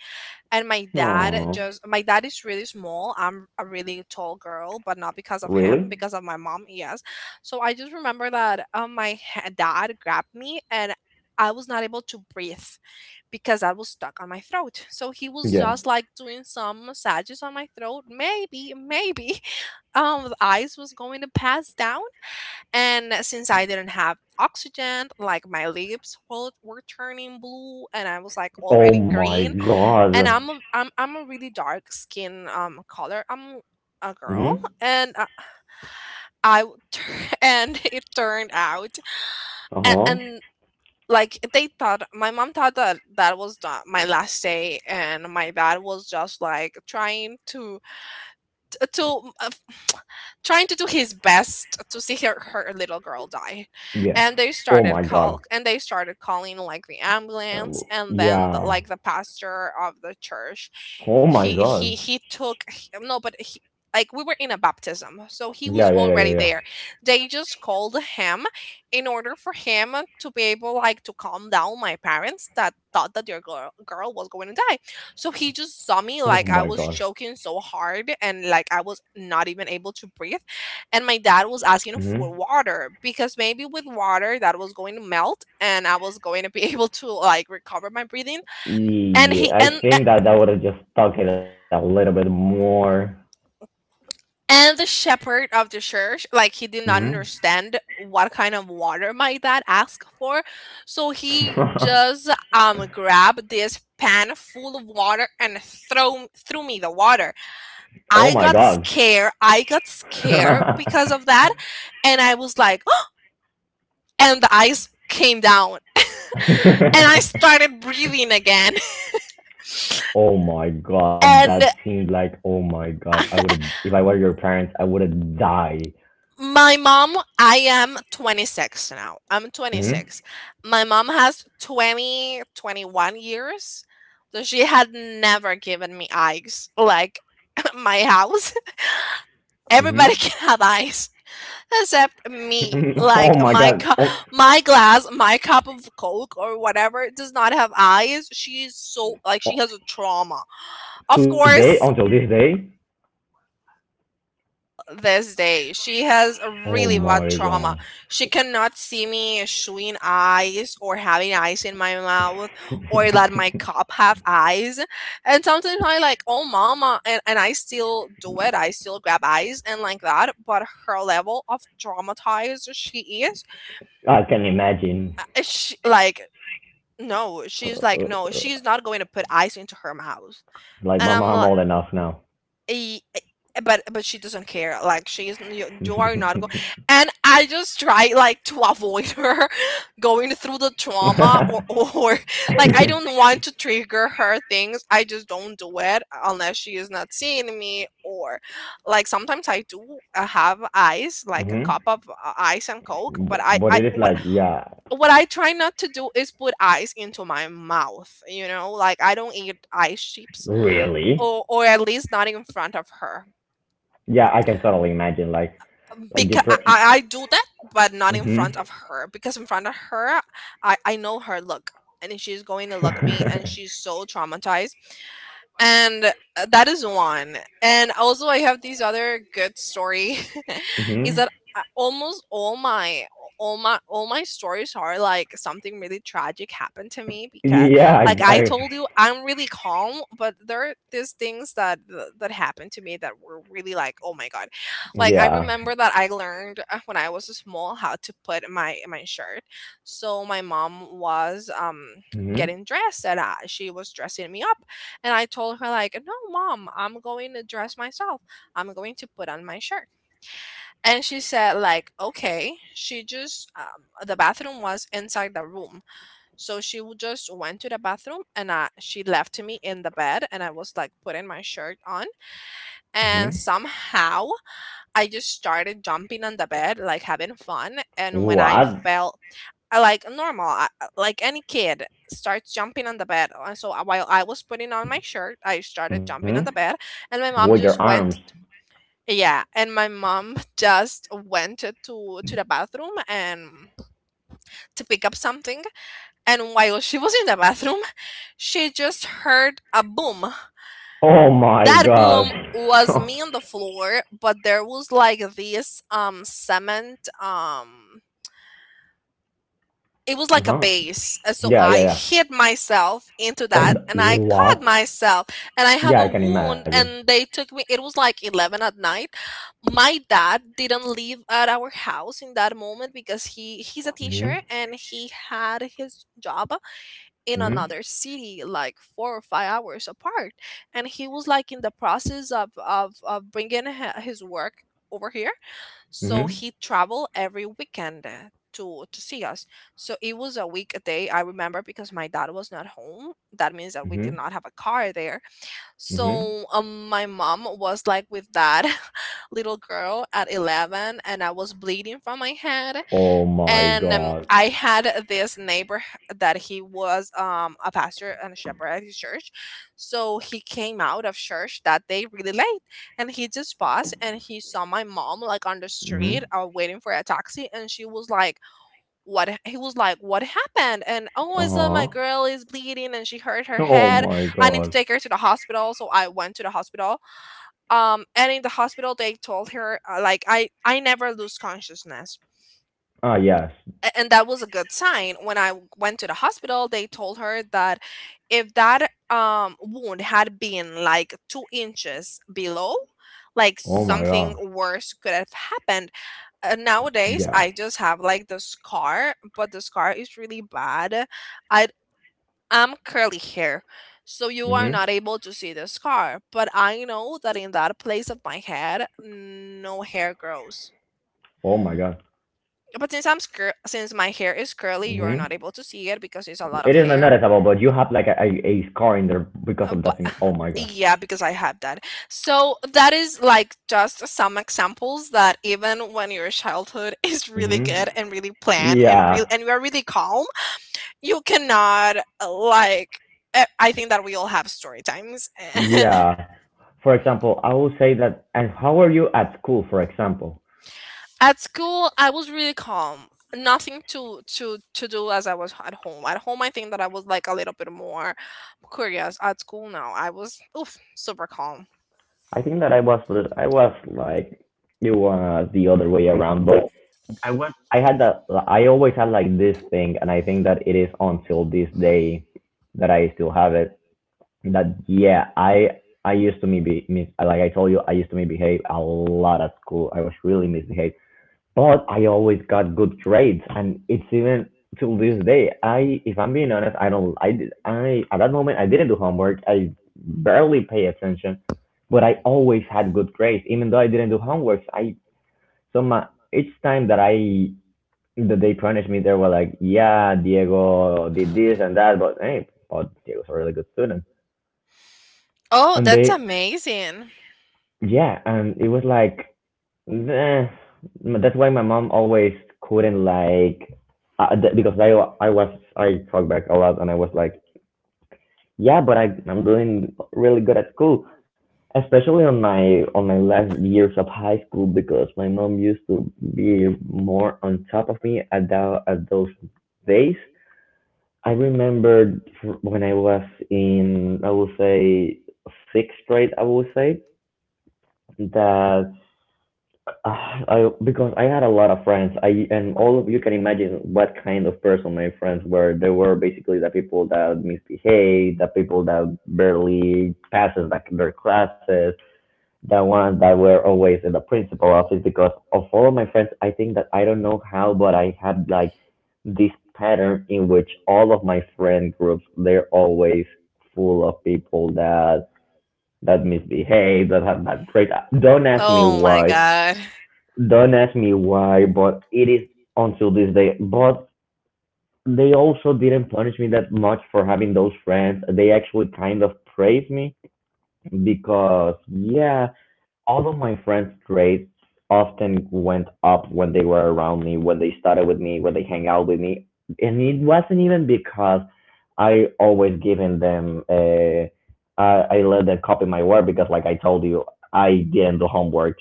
Speaker 2: And my dad
Speaker 1: Oh,
Speaker 2: just, my dad is really small. I'm a really tall girl, but not because of him,
Speaker 1: really?
Speaker 2: because of my mom. Yes. So I just remember that, my dad grabbed me, and I was not able to breathe because I was stuck on my throat. So he was
Speaker 1: Yeah.
Speaker 2: just like doing some massages on my throat. Maybe, maybe the ice was going to pass down. And since I didn't have oxygen, like, my lips were turning blue, and I was like
Speaker 1: Oh
Speaker 2: already
Speaker 1: my
Speaker 2: green. And
Speaker 1: god.
Speaker 2: I'm a really dark skin color. I'm a girl.
Speaker 1: Mm-hmm.
Speaker 2: And I w- and it turned out.
Speaker 1: Uh
Speaker 2: and,
Speaker 1: huh.
Speaker 2: and like they thought, my mom thought that that was my last day, and my dad was just like t- to mm, uh, trying to do his best to see her little girl die.
Speaker 1: Yeah.
Speaker 2: And
Speaker 1: Oh my god.
Speaker 2: they started calling like the ambulance,
Speaker 1: Um,
Speaker 2: and then,
Speaker 1: yeah.
Speaker 2: like, the pastor of the church.
Speaker 1: Oh my god.
Speaker 2: No, but he, like, we were in a baptism, so he was
Speaker 1: Yeah, yeah, yeah,
Speaker 2: already
Speaker 1: yeah, yeah.
Speaker 2: there. They just called him in order for him to be able like to calm down my parents, that thought that their girl was going to die. So he just saw me,
Speaker 1: Oh
Speaker 2: like, I
Speaker 1: my
Speaker 2: was
Speaker 1: god.
Speaker 2: choking so hard, and like I was not even able to breathe. And my dad was asking for
Speaker 1: Mm-hmm.
Speaker 2: water because, maybe with water, that was going to melt and I was going to be able to like recover my breathing. And
Speaker 1: Yeah, I think that that would have just stuck it a little bit more.
Speaker 2: and the shepherd of the church, like, he did not
Speaker 1: Mm-hmm.
Speaker 2: understand what kind of water my dad asked for. So he just grabbed this pan full of water and throw threw me the water.
Speaker 1: Oh my
Speaker 2: I
Speaker 1: god.
Speaker 2: got scared. I got scared because of that. And I was like, and the ice came down, and I started breathing again.
Speaker 1: Oh my god, that
Speaker 2: And
Speaker 1: seemed like — oh my god — I would have, if I were your parents, I would have died.
Speaker 2: my mom, I am 26 now. I'm
Speaker 1: Mhm.
Speaker 2: 26. My mom has 20, 21 years. So she had never given me ice, like, my house.
Speaker 1: Mhm.
Speaker 2: Everybody can have ice. Except me.
Speaker 1: Oh
Speaker 2: Like,
Speaker 1: my god. Oh,
Speaker 2: my glass, my cup of Coke or whatever, does not have eyes. She is so, like, she has a
Speaker 1: on,
Speaker 2: trauma. Of
Speaker 1: today,
Speaker 2: course,
Speaker 1: until this day.
Speaker 2: this day she has a
Speaker 1: Oh
Speaker 2: really bad
Speaker 1: my
Speaker 2: trauma.
Speaker 1: god.
Speaker 2: She cannot see me chewing eyes or having eyes in my mouth, or let my cup have eyes. And sometimes I, like, oh mama, and I still do it. I still grab eyes and like that. But her level of traumatized she is
Speaker 1: I can imagine.
Speaker 2: she, like no
Speaker 1: Uh,
Speaker 2: she's not going to put ice into her mouth,
Speaker 1: like,
Speaker 2: and
Speaker 1: my
Speaker 2: I'm
Speaker 1: mom
Speaker 2: like,
Speaker 1: old enough now.
Speaker 2: "E- e- but she doesn't care, like she is you are not going." And I just try like to avoid her going through the trauma, or like I don't want to trigger her things. I just don't do it unless she is not seeing me. Or like sometimes I do have ice, like a
Speaker 1: Mhm.
Speaker 2: cup of ice and Coke, but
Speaker 1: But
Speaker 2: I
Speaker 1: it is like, yeah,
Speaker 2: what I try not to do is put ice into my mouth, like I don't eat ice chips,
Speaker 1: really?
Speaker 2: or at least not in front of her,
Speaker 1: Yeah, I can totally imagine, like, like the
Speaker 2: because I,
Speaker 1: tra-
Speaker 2: I I do that, but not in
Speaker 1: mhm.
Speaker 2: front of her, because in front of her, I know her look, and she's going to look at me, and she's so traumatized. And that is one. And also I have these other good story. Is
Speaker 1: Mhm.
Speaker 2: that almost all my all my stories are like something really tragic happened to me, because
Speaker 1: Yeah,
Speaker 2: like I
Speaker 1: I
Speaker 2: told you, I'm really calm, but there are these things that happened to me that were really like, oh my god. Like I
Speaker 1: yeah.
Speaker 2: remember that I learned when I was small how to put my shirt. So my mom was
Speaker 1: Mhm.
Speaker 2: getting dressed, and she was dressing me up, and I told her like, "No, mom, I'm going to dress myself. I'm going to put on my shirt." And she said like, "Okay." She just, the bathroom was inside the room. So she just went to the bathroom, and she left me in the bed, and I was like putting my shirt on,
Speaker 1: Mhm.
Speaker 2: and somehow I just started jumping on the bed, like having fun. And when I
Speaker 1: What?
Speaker 2: felt, I, like normal, like any kid starts jumping on the bed. So while I was putting on my shirt, I started jumping
Speaker 1: Mhm.
Speaker 2: on the bed, and my mom
Speaker 1: With
Speaker 2: just
Speaker 1: your
Speaker 2: went.
Speaker 1: arms.
Speaker 2: Yeah, and my mom just went to the bathroom and to pick up something. And while she was in the bathroom, she just heard a boom.
Speaker 1: Oh my
Speaker 2: That
Speaker 1: gosh.
Speaker 2: boom was me on the floor, but there was like this cement, um, it was like a
Speaker 1: Uh-huh.
Speaker 2: base. And so
Speaker 1: Yeah,
Speaker 2: I
Speaker 1: yeah, yeah.
Speaker 2: hit myself into that,
Speaker 1: On
Speaker 2: and
Speaker 1: the,
Speaker 2: I cut
Speaker 1: what?
Speaker 2: myself, and I have
Speaker 1: Yeah,
Speaker 2: a
Speaker 1: I can
Speaker 2: wound,
Speaker 1: imagine.
Speaker 2: and they took me. It was like 11 at night. My dad didn't live at our house in that moment because he's a
Speaker 1: Mhm.
Speaker 2: teacher and he had his job in
Speaker 1: Mhm.
Speaker 2: another city, like 4 or 5 hours apart, and he was like in the process of bringing his work over here. So
Speaker 1: Mhm.
Speaker 2: he traveled every weekend to see us. So it was a weekday, I remember, because my dad was not home. That means that we did
Speaker 1: Mhm.
Speaker 2: not have a car there.
Speaker 1: Mhm.
Speaker 2: So my mom was like with that little girl at 11, and I was bleeding from my head.
Speaker 1: Oh my
Speaker 2: And
Speaker 1: god.
Speaker 2: I had this neighbor that he was a pastor and a shepherd at his church. So he came out of church that day really late, and he just paused, and he saw my mom like on the street,
Speaker 1: Mhm.
Speaker 2: waiting for a taxi, and she was like, "What?" He was like, "What happened? And oh, I saw my
Speaker 1: Uh-huh.
Speaker 2: girl is bleeding and she hurt her
Speaker 1: Oh
Speaker 2: head.
Speaker 1: my
Speaker 2: I need to
Speaker 1: god.
Speaker 2: take her to the hospital," so I went to the hospital. And in the hospital they told her, like I never lose consciousness,
Speaker 1: Ah, yes.
Speaker 2: and that was a good sign. When I went to the hospital, they told her that if that wound had been like 2 inches below, like
Speaker 1: Oh my
Speaker 2: something
Speaker 1: god.
Speaker 2: worse could have happened. Nowadays
Speaker 1: Yeah.
Speaker 2: I just have like the scar, but the scar is really bad. I am curly hair, so you are
Speaker 1: Mhm.
Speaker 2: not able to see the scar, but I know that in that place of my head no hair grows.
Speaker 1: Oh my god.
Speaker 2: But since I'm since my hair is curly, you are
Speaker 1: Mhm.
Speaker 2: not able to see it because it's a lot
Speaker 1: It
Speaker 2: of
Speaker 1: is not
Speaker 2: hair.
Speaker 1: noticeable, but you have like a scar in there because of
Speaker 2: But
Speaker 1: that thing. Oh my god.
Speaker 2: yeah, because I have that. So that is like just some examples that even when your childhood is really
Speaker 1: hmm
Speaker 2: good and really planned and real
Speaker 1: Yeah.
Speaker 2: and you are really calm, you cannot I think that we all have story times.
Speaker 1: Yeah. For example, I will say that. And how were you at school? For example,
Speaker 2: At school, I was really calm. Nothing to do, as I was at home. At home, I think that I was like a little bit more curious. At school, now I was, oof, super calm.
Speaker 1: I think that I was lit- I was like it was the other way around. But I was I had that I always had like this thing, and I think that it is until this day that I still have it. That, yeah, I used to maybe like I told you, I used to misbehave a lot at school. I was really misbehaved. But I always got good grades, and it's even till this day. I, if I'm being honest, I don't. I did. I At that moment, I didn't do homework. I barely pay attention, but I always had good grades, even though I didn't do homework. I so my each time that I that they punished me, they were like, "Yeah, Diego did this and that, but, hey, but Diego's a really good student,"
Speaker 2: Oh,
Speaker 1: and
Speaker 2: that's
Speaker 1: they —
Speaker 2: amazing.
Speaker 1: yeah, and it was like, "Nah." That's why my mom always couldn't, like, because I was I talk back a lot, and I was like, "Yeah, but I'm doing really good at school," especially on my last years of high school, because my mom used to be more on top of me at that at those days. I remember when I was in — I would say sixth grade, I would say — that, Ah, I because I had a lot of friends. I and all of you can imagine what kind of person my friends were. They were basically the people that misbehave, the people that barely passes like their classes, the ones that were always in the principal office. Because of all of my friends, I think that — I don't know how — but I had like this pattern in which all of my friend groups, they're always full of people that misbehave, that have bad traits. Don't ask me
Speaker 2: Oh my
Speaker 1: why.
Speaker 2: god.
Speaker 1: Don't ask me why, but it is until this day. But they also didn't punish me that much for having those friends. They actually kind of praised me because, yeah, all of my friends' grades often went up when they were around me, when they studied with me, when they hang out with me, and it wasn't even because I always given them uh, I let them copy my work, because, like I told you, I didn't do homework.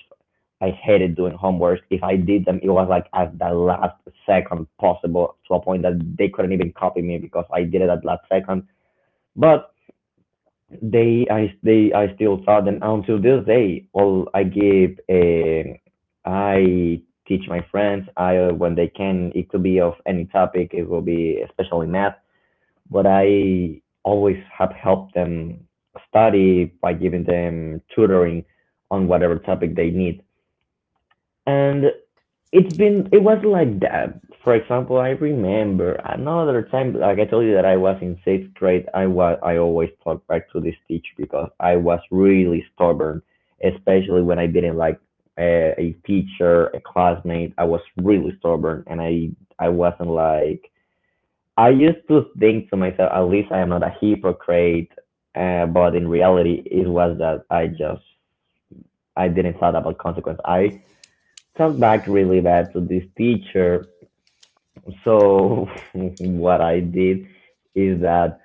Speaker 1: I hated doing homework. If I did them, it was like at the last second possible, to a point that they couldn't even copy me because I did it at last second. But they I still thought, and until this day, all I give I teach my friends. I When they can, it could be of any topic, it will be especially math, but I always have helped them study by giving them tutoring on whatever topic they need. And it was like that. For example, I remember another time, like I told you that I was in sixth grade. I always talked back to this teacher because I was really stubborn, especially when I didn't like a teacher, a classmate. I was really stubborn, and I wasn't like, I used to think to myself, at least I am not a hypocrite. But in reality, it was that I didn't thought about consequence. I talked back really bad to this teacher, so what I did is that,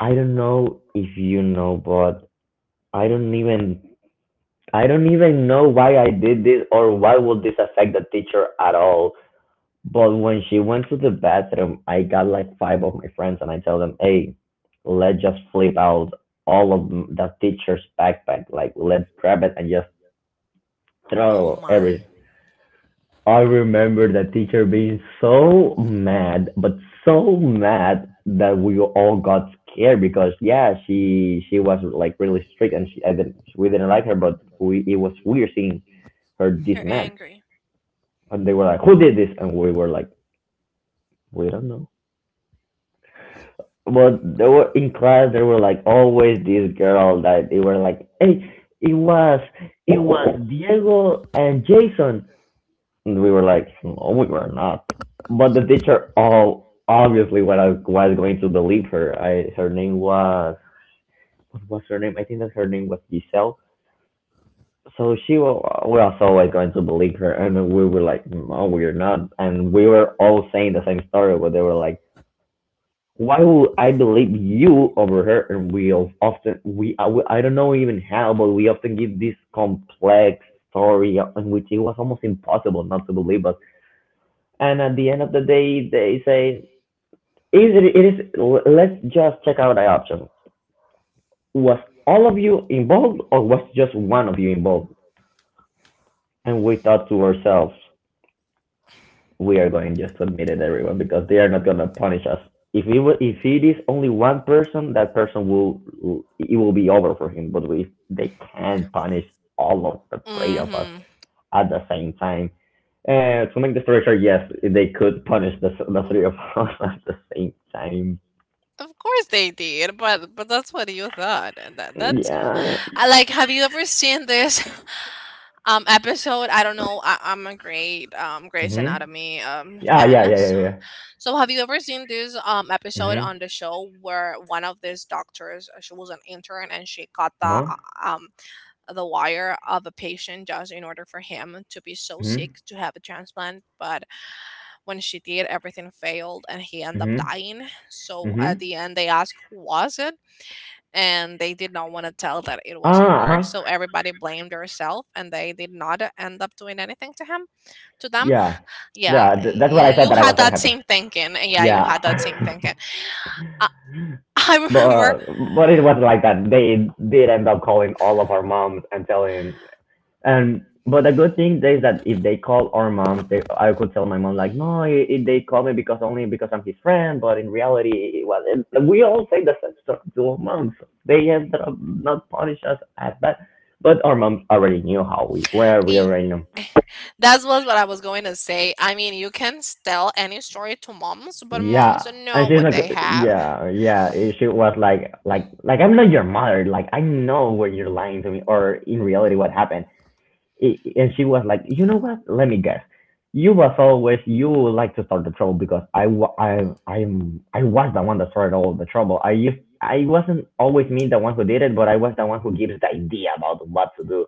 Speaker 1: I don't know if you know, but I don't even I don't even know why I did this, or why would this affect the teacher at all. But when she went to the bathroom, I got like five of my friends and I tell them, "Hey, let's just flip out all of the teacher's backpack. Like, let's grab it and just
Speaker 2: Oh
Speaker 1: throw
Speaker 2: my.
Speaker 1: every." I remember the teacher being so mad, but so mad that we all got scared, because yeah, she was like really strict, and she I didn't, we didn't like her, but we, it was weird seeing her this
Speaker 2: You're
Speaker 1: mad.
Speaker 2: angry.
Speaker 1: And they were like, "Who did this?" And we were like, "We don't know." But they were in class. They were like, always this girl that they were like, "Hey, it was it was Diego and Jason." And we were like, "No, we were not." But the teacher, all obviously, when I was going to believe her, I her name was, what was her name? I think that her name was Giselle. So she was, we was always going to believe her, and we were like, "No, we're not." And we were all saying the same story, but they were like, "Why would I believe you over her?" And we often we I don't know even how, but we often give this complex story in which it was almost impossible not to believe us. And at the end of the day, they say, is it, it is "Let's just check out the option, was all of you involved, or was just one of you involved?" And we thought to ourselves, we are going just to admit it everyone, because they are not going to punish us. If if it is only one person, that person it will be over for him, but we they can't punish all of the three of us
Speaker 2: Mm-hmm.
Speaker 1: at the same time. To make the story short, yes, they could punish the three of us at the same time.
Speaker 2: Of course they did, but that's what you thought. And That that's
Speaker 1: Yeah.
Speaker 2: I like. Have you ever seen this episode? I don't know. I'm a great Grey's
Speaker 1: Mm-hmm.
Speaker 2: Anatomy
Speaker 1: Yeah, yeah,
Speaker 2: fan.
Speaker 1: yeah,
Speaker 2: So,
Speaker 1: yeah, yeah.
Speaker 2: so have you ever seen this episode
Speaker 1: Mm-hmm.
Speaker 2: on the show where one of these doctors, she was an intern, and she cut
Speaker 1: Uh-huh.
Speaker 2: um the wire of a patient just in order for him to be so
Speaker 1: Mm-hmm.
Speaker 2: sick to have a transplant? But when she did, everything failed and he ended up
Speaker 1: Mm-hmm.
Speaker 2: dying. So at
Speaker 1: Mm-hmm.
Speaker 2: the end they ask, who was it? And they did not want to tell that it
Speaker 1: Ah,
Speaker 2: was her. So
Speaker 1: uh-huh.
Speaker 2: everybody blamed herself, and they did not end up doing anything to him, to them.
Speaker 1: Yeah.
Speaker 2: Yeah,
Speaker 1: Yeah, that's what I thought
Speaker 2: you
Speaker 1: that I was
Speaker 2: had
Speaker 1: gonna
Speaker 2: that
Speaker 1: happen.
Speaker 2: same thinking. Yeah, you
Speaker 1: Yeah.
Speaker 2: had that same thinking. I, I
Speaker 1: but
Speaker 2: remember.
Speaker 1: uh, but it was like that. They did end up calling all of our moms and telling. And but the good thing is that if they call our moms, they, I could tell my mom like, "No, I they call me because only because I'm his friend." But in reality, well, and we all say the same stuff to our moms. They ended up not punish us as bad, but our moms already knew how we were. We
Speaker 2: Y-
Speaker 1: already know.
Speaker 2: that was what I was going to say. I mean, you can tell any story to moms, but
Speaker 1: Yeah.
Speaker 2: moms
Speaker 1: And
Speaker 2: know
Speaker 1: she's
Speaker 2: what they
Speaker 1: like,
Speaker 2: have.
Speaker 1: yeah, yeah. She was like, "I'm not your mother. Like, I know when you're lying to me, or in reality, what happened." And she was like, "You know what? Let me guess. You was always, you like to start the trouble, because I'm, I was the one that started all the trouble." I wasn't always me the one who did it, but I was the one who gives the idea about what to do.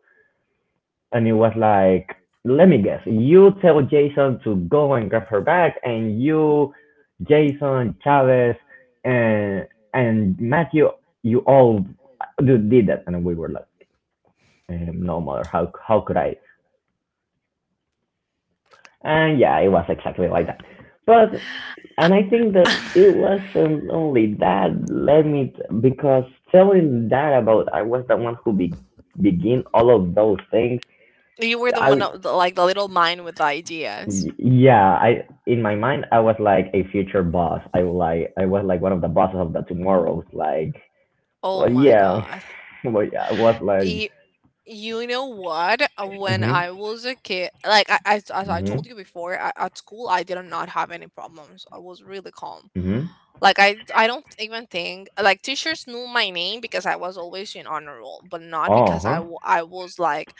Speaker 1: And it was like, "Let me guess. You tell Jason to go and grab her bag, and you, Jason, Chavez, and Matthew, you all did that." And we were like, "Um, no, mother, how could I?" And yeah, it was exactly like that. But, and I think
Speaker 2: I-
Speaker 1: that it wasn't only that led me because telling that about I was the one who begin all of those things.
Speaker 2: you were the one,
Speaker 1: I
Speaker 2: like the little mind with the ideas.
Speaker 1: Yeah, I in my mind I was like a future boss. I was like one of the bosses of the tomorrows. Like,
Speaker 2: Oh
Speaker 1: well,
Speaker 2: my
Speaker 1: yeah.
Speaker 2: god.
Speaker 1: Well, yeah, I was like,
Speaker 2: You, you know what? When
Speaker 1: mhm,
Speaker 2: I was a kid, like I, as I
Speaker 1: mhm,
Speaker 2: told you before, I, at school, I did not have any problems. I was really calm.
Speaker 1: mhm,
Speaker 2: Like I don't even think like teachers knew my name because I was always in honor roll, but not
Speaker 1: oh
Speaker 2: because
Speaker 1: huh,
Speaker 2: I was like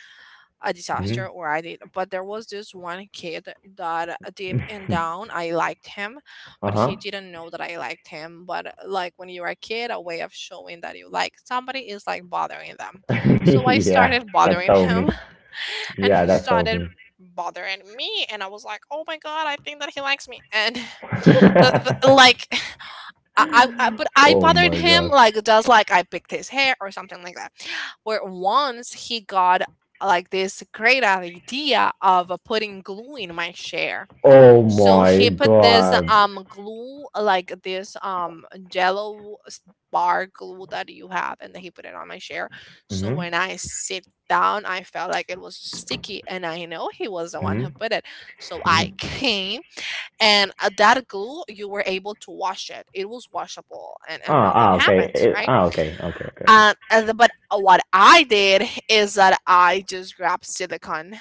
Speaker 2: a
Speaker 1: mhm,
Speaker 2: disaster or I did. But there was this one kid that deep and down I liked him,
Speaker 1: uh
Speaker 2: but he
Speaker 1: huh.
Speaker 2: didn't know that I liked him. But like when you're a kid, a way of showing that you like somebody is like bothering them. So I
Speaker 1: Yeah.
Speaker 2: started
Speaker 1: That's
Speaker 2: bothering
Speaker 1: all
Speaker 2: him
Speaker 1: me.
Speaker 2: and
Speaker 1: Yeah,
Speaker 2: he
Speaker 1: that's helped
Speaker 2: started
Speaker 1: me.
Speaker 2: bothering me, and I was like, "Oh my god, I think that he likes me." And the like I but I
Speaker 1: Oh
Speaker 2: bothered
Speaker 1: my
Speaker 2: him
Speaker 1: god.
Speaker 2: like just like I picked his hair or something like that. Where once he got like this great idea of putting glue in my chair.
Speaker 1: Oh
Speaker 2: So
Speaker 1: my
Speaker 2: he put this
Speaker 1: god.
Speaker 2: glue, like this jello bar glue that you have, and then he put it on my chair. So
Speaker 1: Mhm.
Speaker 2: when I sit down, I felt like it was sticky, and I know he was the one who
Speaker 1: Mhm.
Speaker 2: put it. So I
Speaker 1: Mhm.
Speaker 2: came, and that glue you were able to wash it, it was washable, and
Speaker 1: Ah, ah,
Speaker 2: nothing
Speaker 1: okay.
Speaker 2: happened, right?
Speaker 1: Ah, okay. Okay, okay, okay.
Speaker 2: And the- but what I did is that I just grabbed silicone,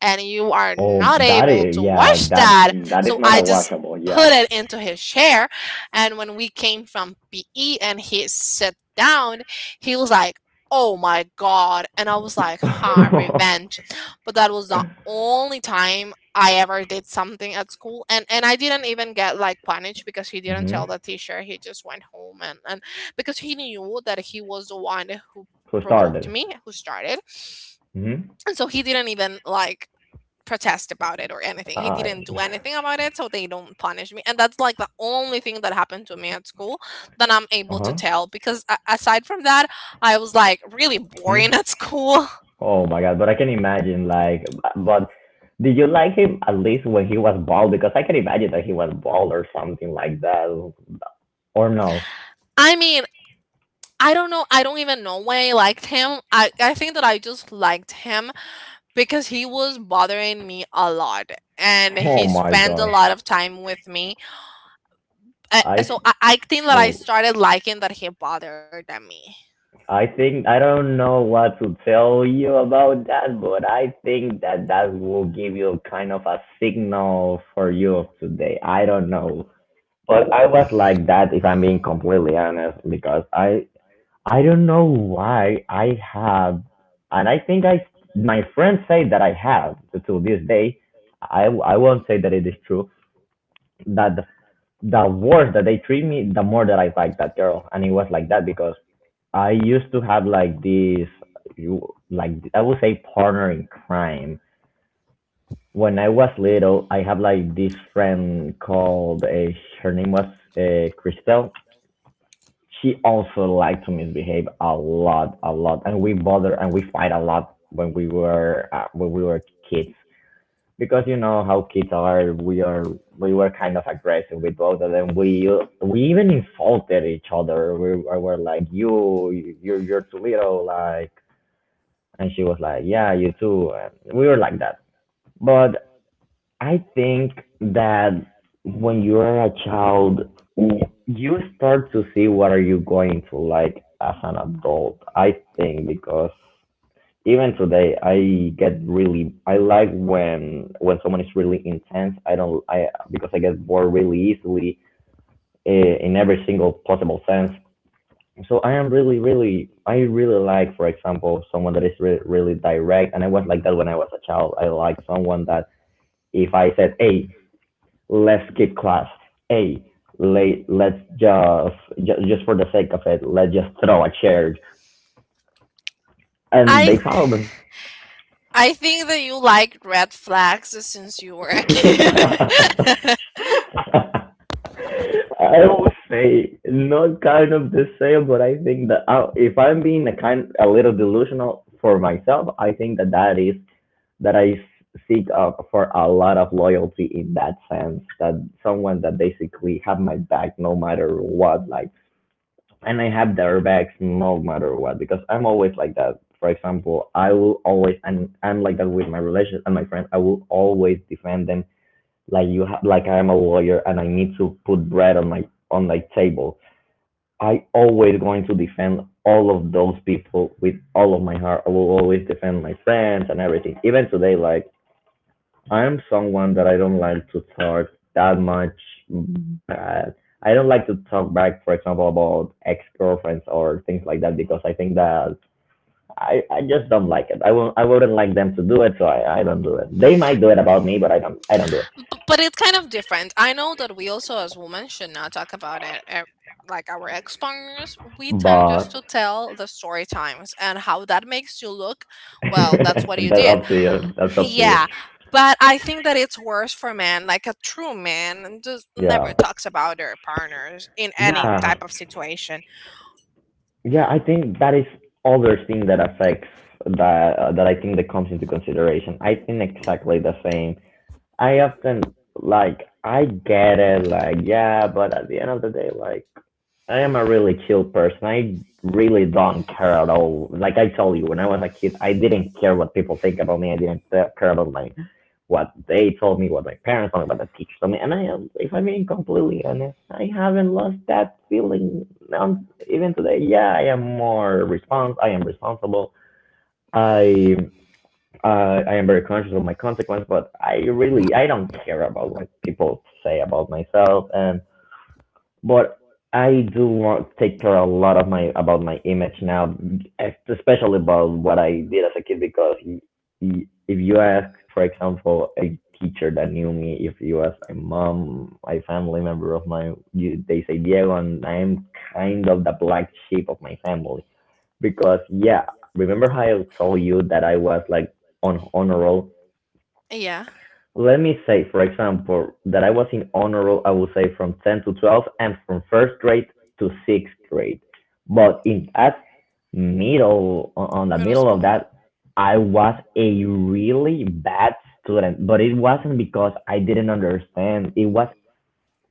Speaker 2: and you are
Speaker 1: Oh,
Speaker 2: not
Speaker 1: that
Speaker 2: able
Speaker 1: is,
Speaker 2: to
Speaker 1: yeah.
Speaker 2: wash that.
Speaker 1: That is
Speaker 2: So
Speaker 1: not
Speaker 2: I
Speaker 1: a
Speaker 2: just
Speaker 1: washable.
Speaker 2: put
Speaker 1: Yeah.
Speaker 2: it into his chair. And when we came from PE and he sat down, he was like, "Oh my god." And I was like, "Huh, revenge." But that was the only time I ever did something at school. And I didn't even get like punished because he didn't tell
Speaker 1: Mhm.
Speaker 2: the teacher. He just went home, and because he knew that he was the one who
Speaker 1: So
Speaker 2: provoked
Speaker 1: started.
Speaker 2: me, who started.
Speaker 1: Mhm.
Speaker 2: And so he didn't even like protest about it or anything. He
Speaker 1: I.
Speaker 2: didn't do anything about it, so they don't punish me. And that's like the only thing that happened to me at school that I'm
Speaker 1: Uh
Speaker 2: able to
Speaker 1: huh.
Speaker 2: tell, because aside from that, I was like really boring
Speaker 1: Mhm.
Speaker 2: at school.
Speaker 1: Oh my god. But I can imagine like, but did you like him at least when he was bald? Because I can imagine that he was bald or something like that. Or no.
Speaker 2: I mean, I don't know. I don't even know why I liked him. I think that I just liked him because he was bothering me a lot and
Speaker 1: Oh
Speaker 2: he
Speaker 1: my
Speaker 2: spent a
Speaker 1: god.
Speaker 2: lot of time with me.
Speaker 1: I
Speaker 2: So I think that I
Speaker 1: Oh,
Speaker 2: started liking that he bothered me.
Speaker 1: I think, I don't know what to tell you about that, but I think that that will give you kind of a signal for you of today. I don't know, but I was like that, if I'm being completely honest, because I don't know why I have, and I think, I, my friends say that I have, to this day. I won't say that it is true, that the worse that they treat me, the more that I like that girl. And it was like that because I used to have like this, you, like I would say, partner in crime. When I was little, I had like this friend called her name was Christelle. She also liked to misbehave a lot, and we bother and we fight a lot when we were kids, because you know how kids are, we were kind of aggressive with both of them. We even insulted each other. We were like, "You, you're too little," like, and she was like, "Yeah, you too." And we were like that. But I think that when you are a child, you start to see what are you going to like as an adult. I think because even today I get really, I like when someone is really intense. I don't I Because I get bored really easily, in every single possible sense. So I am really, really, I really like, for example, someone that is really direct. And I was like that when I was a child. I like someone that if I said, "Hey, let's skip class, hey, let's just, just for the sake of it, let's just throw a chair," and they
Speaker 2: I.
Speaker 1: follow me.
Speaker 2: I think that you like red flags since you were a kid.
Speaker 1: I would say not kind of the same, but I think that I, if I'm being a kind a little delusional for myself, I think that that is that I seek for a lot of loyalty, in that sense that someone that basically have my back no matter what, like, and I have their backs no matter what, because I'm always like that. For example, I will always, and I'm like that with my relationship and my friends. I will always defend them, like, like I am a lawyer and I need to put bread on my table. I always going to defend all of those people with all of my heart. I will always defend my friends and everything. Even today, like, I am someone that I don't like to talk that much bad. I don't like to talk back, for example, about ex girlfriends or things like that, because I think that I just don't like it. I wouldn't like them to do it, so I don't do it. They might do it about me, but I don't do it.
Speaker 2: But it's kind of different. I know that we also, as women, should not talk about it. Eh, like our ex partners, we tend just
Speaker 1: But
Speaker 2: to tell the story times and how that makes you look. Well, that's what you
Speaker 1: that's
Speaker 2: did.
Speaker 1: up to you. That's up to you.
Speaker 2: Yeah. But I think that it's worse for men. Like a true man just
Speaker 1: Yeah.
Speaker 2: never talks about their partners in any
Speaker 1: Yeah.
Speaker 2: type of situation.
Speaker 1: Yeah, I think that is other thing that affects, that that I think that comes into consideration. I think exactly the same. I often like, I get it, like, yeah, but at the end of the day, like, I am a really chill person. I really don't care at all. Like I told you, when I was a kid, I didn't care what people think about me. I didn't care about my, what they told me, what my parents told me, what the teachers told me. And I, if I'm being completely honest, I haven't lost that feeling. Even today, yeah, I am more respons. I am responsible. I, I am very conscious of my consequence, but I really, I don't care about what people say about myself. And But I do want to take care a lot of my about my image now, especially about what I did as a kid. Because if you ask, for example, a teacher that knew me, if you ask my mom, my family member they say Diego, and I'm kind of the black sheep of my family. Because yeah, remember how I told you that I was like on honor roll.
Speaker 2: Yeah.
Speaker 1: Let me say, for example, that I was in honor roll, I would say from 10 to 12 and from first grade to sixth grade. But in that middle, on the
Speaker 2: Middle
Speaker 1: middle of
Speaker 2: school.
Speaker 1: that, I was a really bad student. But it wasn't because I didn't understand.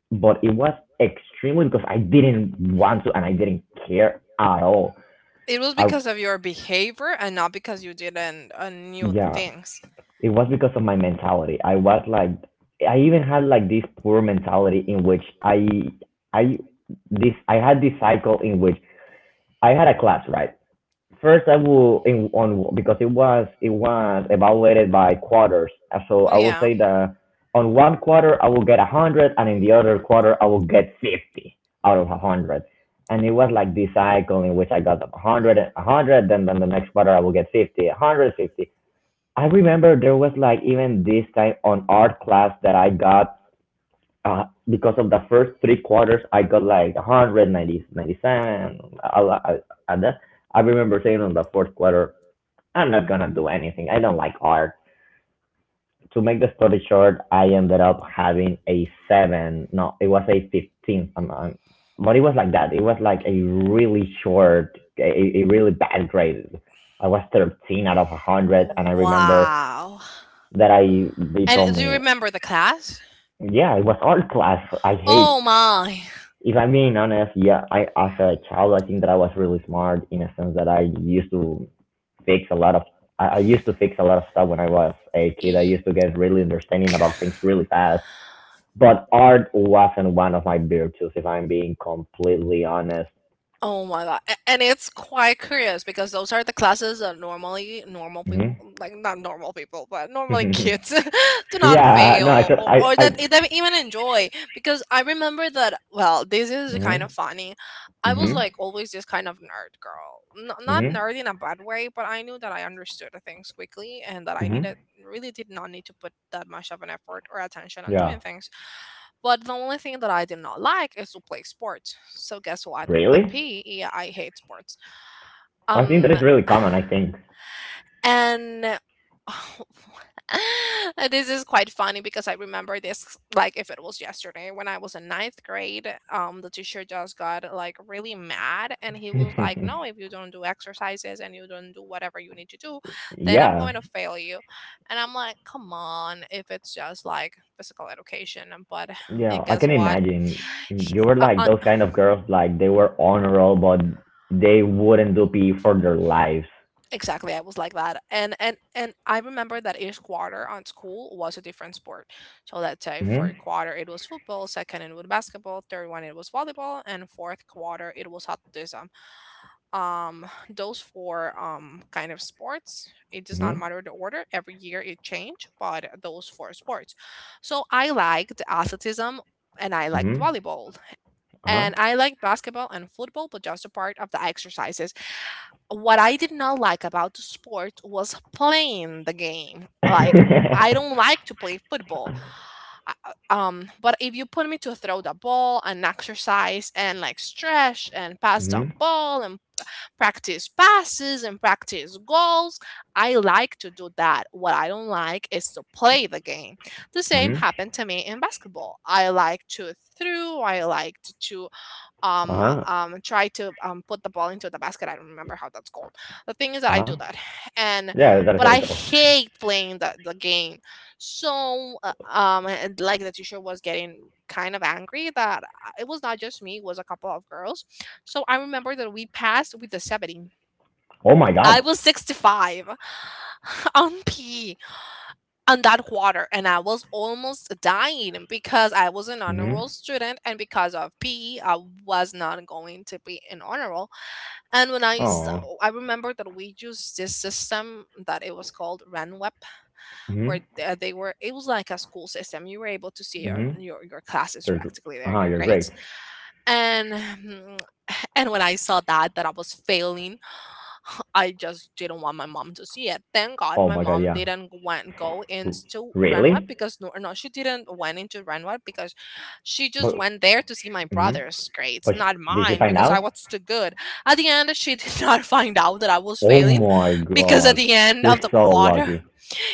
Speaker 1: But it was extremely because I didn't want to and I didn't care at all.
Speaker 2: It was
Speaker 1: I,
Speaker 2: because of your behavior and not because you didn't knew the
Speaker 1: yeah.
Speaker 2: things.
Speaker 1: It was because of my mentality. I even had like this poor mentality in which I, I had this cycle in which I had a class, right? First, I will in on because it was evaluated by quarters. So I will
Speaker 2: Yeah.
Speaker 1: say that on one quarter I will get 100, and in the other quarter I will get 50 out of 100. And it was like this cycle in which I got 100, 100, then the next quarter I will get 50, 100, 50. I remember there was like even this time on art class that I got uh, because of the first three quarters I got like 190, 97. I, I remember saying on the fourth quarter, I'm not gonna do anything. I don't like art. To make the story short, I ended up having a seven. No, it was a 15. But it was like that. It was like a really short, a, a really bad grade. I was 13 out of 100, and I remember
Speaker 2: Wow.
Speaker 1: that I they
Speaker 2: And
Speaker 1: told
Speaker 2: do you
Speaker 1: me.
Speaker 2: remember the class?
Speaker 1: Yeah, it was art class. I hate,
Speaker 2: Oh my.
Speaker 1: if I'm being honest. Yeah, I as a child I think that I was really smart in a sense that I used to fix a lot of I used to fix a lot of stuff when I was a kid. I
Speaker 2: E-
Speaker 1: used to get really understanding about things really fast, but art wasn't one of my virtues, if I'm being completely honest.
Speaker 2: Oh my god. And it's quite curious because those are the classes that normally normal people
Speaker 1: Hmm.
Speaker 2: like, not normal people, but normally kids do not
Speaker 1: Yeah, no, I
Speaker 2: fail
Speaker 1: said I
Speaker 2: or
Speaker 1: I
Speaker 2: that they don't even enjoy. Because I remember that, well, this is kind
Speaker 1: Mhm,
Speaker 2: of funny. I
Speaker 1: mhm,
Speaker 2: was like always this kind of nerd girl. Not
Speaker 1: mhm,
Speaker 2: nerd in a bad way, but I knew that I understood the things quickly and that I
Speaker 1: mhm.
Speaker 2: needed really did not need to put that much of an effort or attention on
Speaker 1: Yeah.
Speaker 2: doing things. But the only thing that I did not like is to play sports. So guess what? I'm
Speaker 1: Really?
Speaker 2: P. Yeah, I hate sports.
Speaker 1: I think that
Speaker 2: Um,
Speaker 1: is really common, I think.
Speaker 2: And this is quite funny because I remember this like if it was yesterday when I was in 9th grade. The teacher just got like really mad, and he was like, "No, if you don't do exercises and you don't do whatever you need to do, then I'm
Speaker 1: Yeah,
Speaker 2: going to fail you." And I'm like, "Come on, if it's just like physical education." But
Speaker 1: yeah, I
Speaker 2: guess
Speaker 1: can
Speaker 2: what?
Speaker 1: imagine.
Speaker 2: He,
Speaker 1: You were
Speaker 2: uh,
Speaker 1: like
Speaker 2: uh,
Speaker 1: those kind of girls, like they were honorable, but they wouldn't do PE for their lives.
Speaker 2: Exactly, I was like that, and I remember that each quarter on school was a different sport. So let's say
Speaker 1: Mhm,
Speaker 2: for quarter it was football, second it was basketball, third one it was volleyball, and fourth quarter it was athleticism. Those four kind of sports. It does not
Speaker 1: mhm,
Speaker 2: matter the order. Every year it changed, but those four sports. So I liked athleticism and I liked
Speaker 1: mhm,
Speaker 2: volleyball
Speaker 1: uh huh.
Speaker 2: and I liked basketball and football, but just a part of the exercises. What I did not like about the sport was playing the game. Like, I don't like to play football. But if you put me to throw the ball and exercise and like stretch and pass the
Speaker 1: Mhm,
Speaker 2: ball and practice passes and practice goals, I like to do that. What I don't like is to play the game. The same
Speaker 1: mhm,
Speaker 2: happened to me in basketball. I like to throw. I like to
Speaker 1: uh huh,
Speaker 2: try to put the ball into the basket. I don't remember how that's called. The thing is that
Speaker 1: uh
Speaker 2: I
Speaker 1: huh.
Speaker 2: do that, and
Speaker 1: Yeah, that's
Speaker 2: but I
Speaker 1: like, oh,
Speaker 2: hate playing the game. So like, the teacher was getting kind of angry that it was not just me, it was a couple of girls. So I remember that we passed with the 70.
Speaker 1: oh my
Speaker 2: I
Speaker 1: god.
Speaker 2: was 65. On P on that quarter, and I was almost dying because I was an honor
Speaker 1: Mhm.
Speaker 2: roll student, and because of PE I was not going to be an honor roll. And when I s-
Speaker 1: Oh.
Speaker 2: I remember that we used this system that it was called RanWeb where
Speaker 1: Mhm.
Speaker 2: they were it was like a school system. You were able to see your
Speaker 1: Mhm.
Speaker 2: your classes
Speaker 1: You're, gr-
Speaker 2: practically there,
Speaker 1: uh-huh,
Speaker 2: your
Speaker 1: you're great.
Speaker 2: grades and and when I saw that that I was failing, I just didn't want my mom to see it. Thank God
Speaker 1: Oh
Speaker 2: my
Speaker 1: my god,
Speaker 2: mom
Speaker 1: yeah.
Speaker 2: didn't went go
Speaker 1: R-
Speaker 2: into Renweb,
Speaker 1: Really?
Speaker 2: because no, no, she didn't went into Renweb because she
Speaker 1: But.
Speaker 2: just went there to see my
Speaker 1: Mhm.
Speaker 2: brother's grades,
Speaker 1: But
Speaker 2: not
Speaker 1: did she
Speaker 2: mine,
Speaker 1: find
Speaker 2: because I
Speaker 1: out?
Speaker 2: was too good. At the end, she did not find out that I was
Speaker 1: Oh
Speaker 2: failing,
Speaker 1: my
Speaker 2: because at
Speaker 1: god,
Speaker 2: the end
Speaker 1: you're
Speaker 2: of the
Speaker 1: so
Speaker 2: quarter,
Speaker 1: lucky.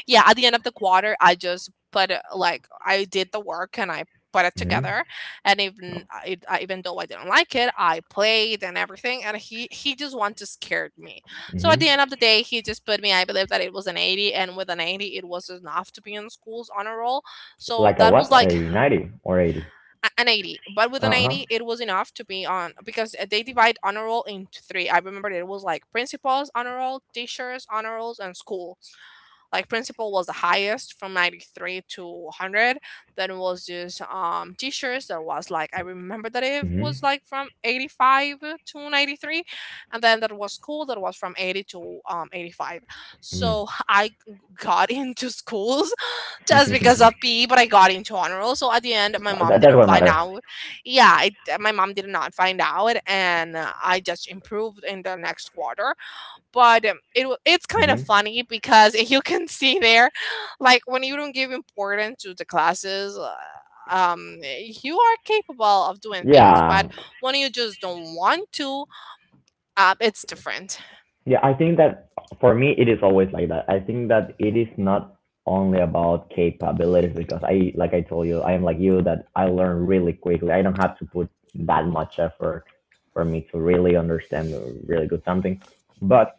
Speaker 2: yeah at the end of the quarter, I just like, I did the work and I put it
Speaker 1: Mhm,
Speaker 2: together, and even even though I didn't like it, I played and everything, and he just wanted to scared me. So at
Speaker 1: mhm.
Speaker 2: the end of the day, he just put me, I believe that it was an 80, and with an 80 it was enough to be in school's honor roll. So
Speaker 1: Like a
Speaker 2: that
Speaker 1: what?
Speaker 2: was like
Speaker 1: A 90 or 80?
Speaker 2: an 80, but with an
Speaker 1: Uh huh.
Speaker 2: 80 it was enough to be on, because they divide honor roll into three. I remember it was like principals honor roll, teachers honor rolls, and school. Like, principal was the highest, from 93 to 100. Then it was this t-shirts, that was like, I remember that it
Speaker 1: Mhm,
Speaker 2: was like from 85 to 93, and then that was school, that was from 80 to 85.
Speaker 1: mhm.
Speaker 2: So I got into schools just because of PE, but I got into honor roll. So at the end my mom
Speaker 1: That
Speaker 2: didn't
Speaker 1: won't
Speaker 2: find
Speaker 1: matter.
Speaker 2: out. Yeah, my mom did not find out, and I just improved in the next quarter. But it it's kind of
Speaker 1: Mhm.
Speaker 2: funny because you can see there, like, when you don't give importance to the classes, you are capable of doing things, but
Speaker 1: Yeah,
Speaker 2: when you just don't want to, it's different.
Speaker 1: yeah. I think that for me it is always like that. I think that it is not only about capabilities because I, like I told you, I am like you that I learn really quickly. I don't have to put that much effort for me to really understand or really good something. But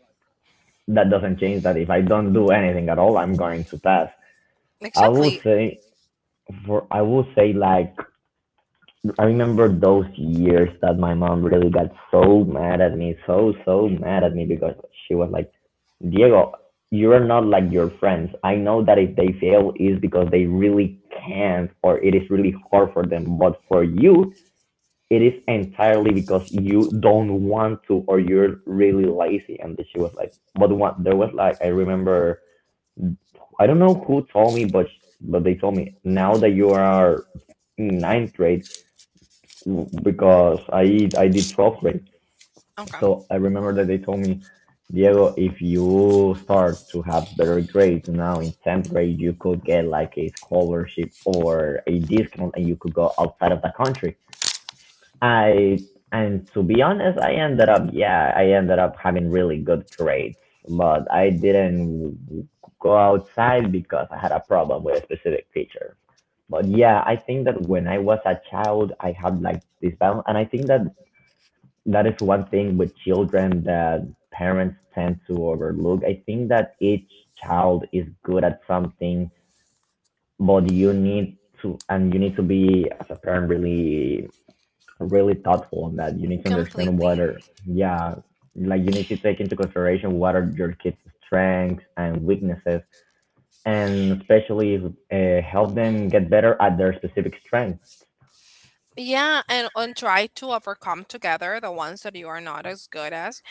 Speaker 1: that doesn't change that if I don't do anything at all, I'm going to pass. I will
Speaker 2: Exactly.
Speaker 1: say I will say like I remember those years that my mom really got so mad at me, so mad at me because she was like, Diego, you are not like your friends. I know that if they fail is because they really can't or it is really hard for them, but for you it is entirely because you don't want to or you're really lazy. And she was like, but what? There was like, I remember, I don't know who told me, but they told me, now that you are in ninth grade because I did 12th grade.
Speaker 2: Okay.
Speaker 1: So I remember that they told me, Diego, if you start to have better grades now in 10th grade, you could get like a scholarship or a discount, and you could go outside of the country. I And to be honest, I ended up having really good grades, but I didn't go outside because I had a problem with a specific teacher. But yeah, I think that when I was a child, I had like this balance, and I think that that is one thing with children that parents tend to overlook. I think that each child is good at something, but you need to be as a parent really, really thoughtful on that. You need to understand what
Speaker 2: Completely.
Speaker 1: are. Yeah, like you need to take into consideration what are your kids' strengths and weaknesses, and especially help them get better at their specific strength.
Speaker 2: Yeah, and try to overcome together the ones that you are not as good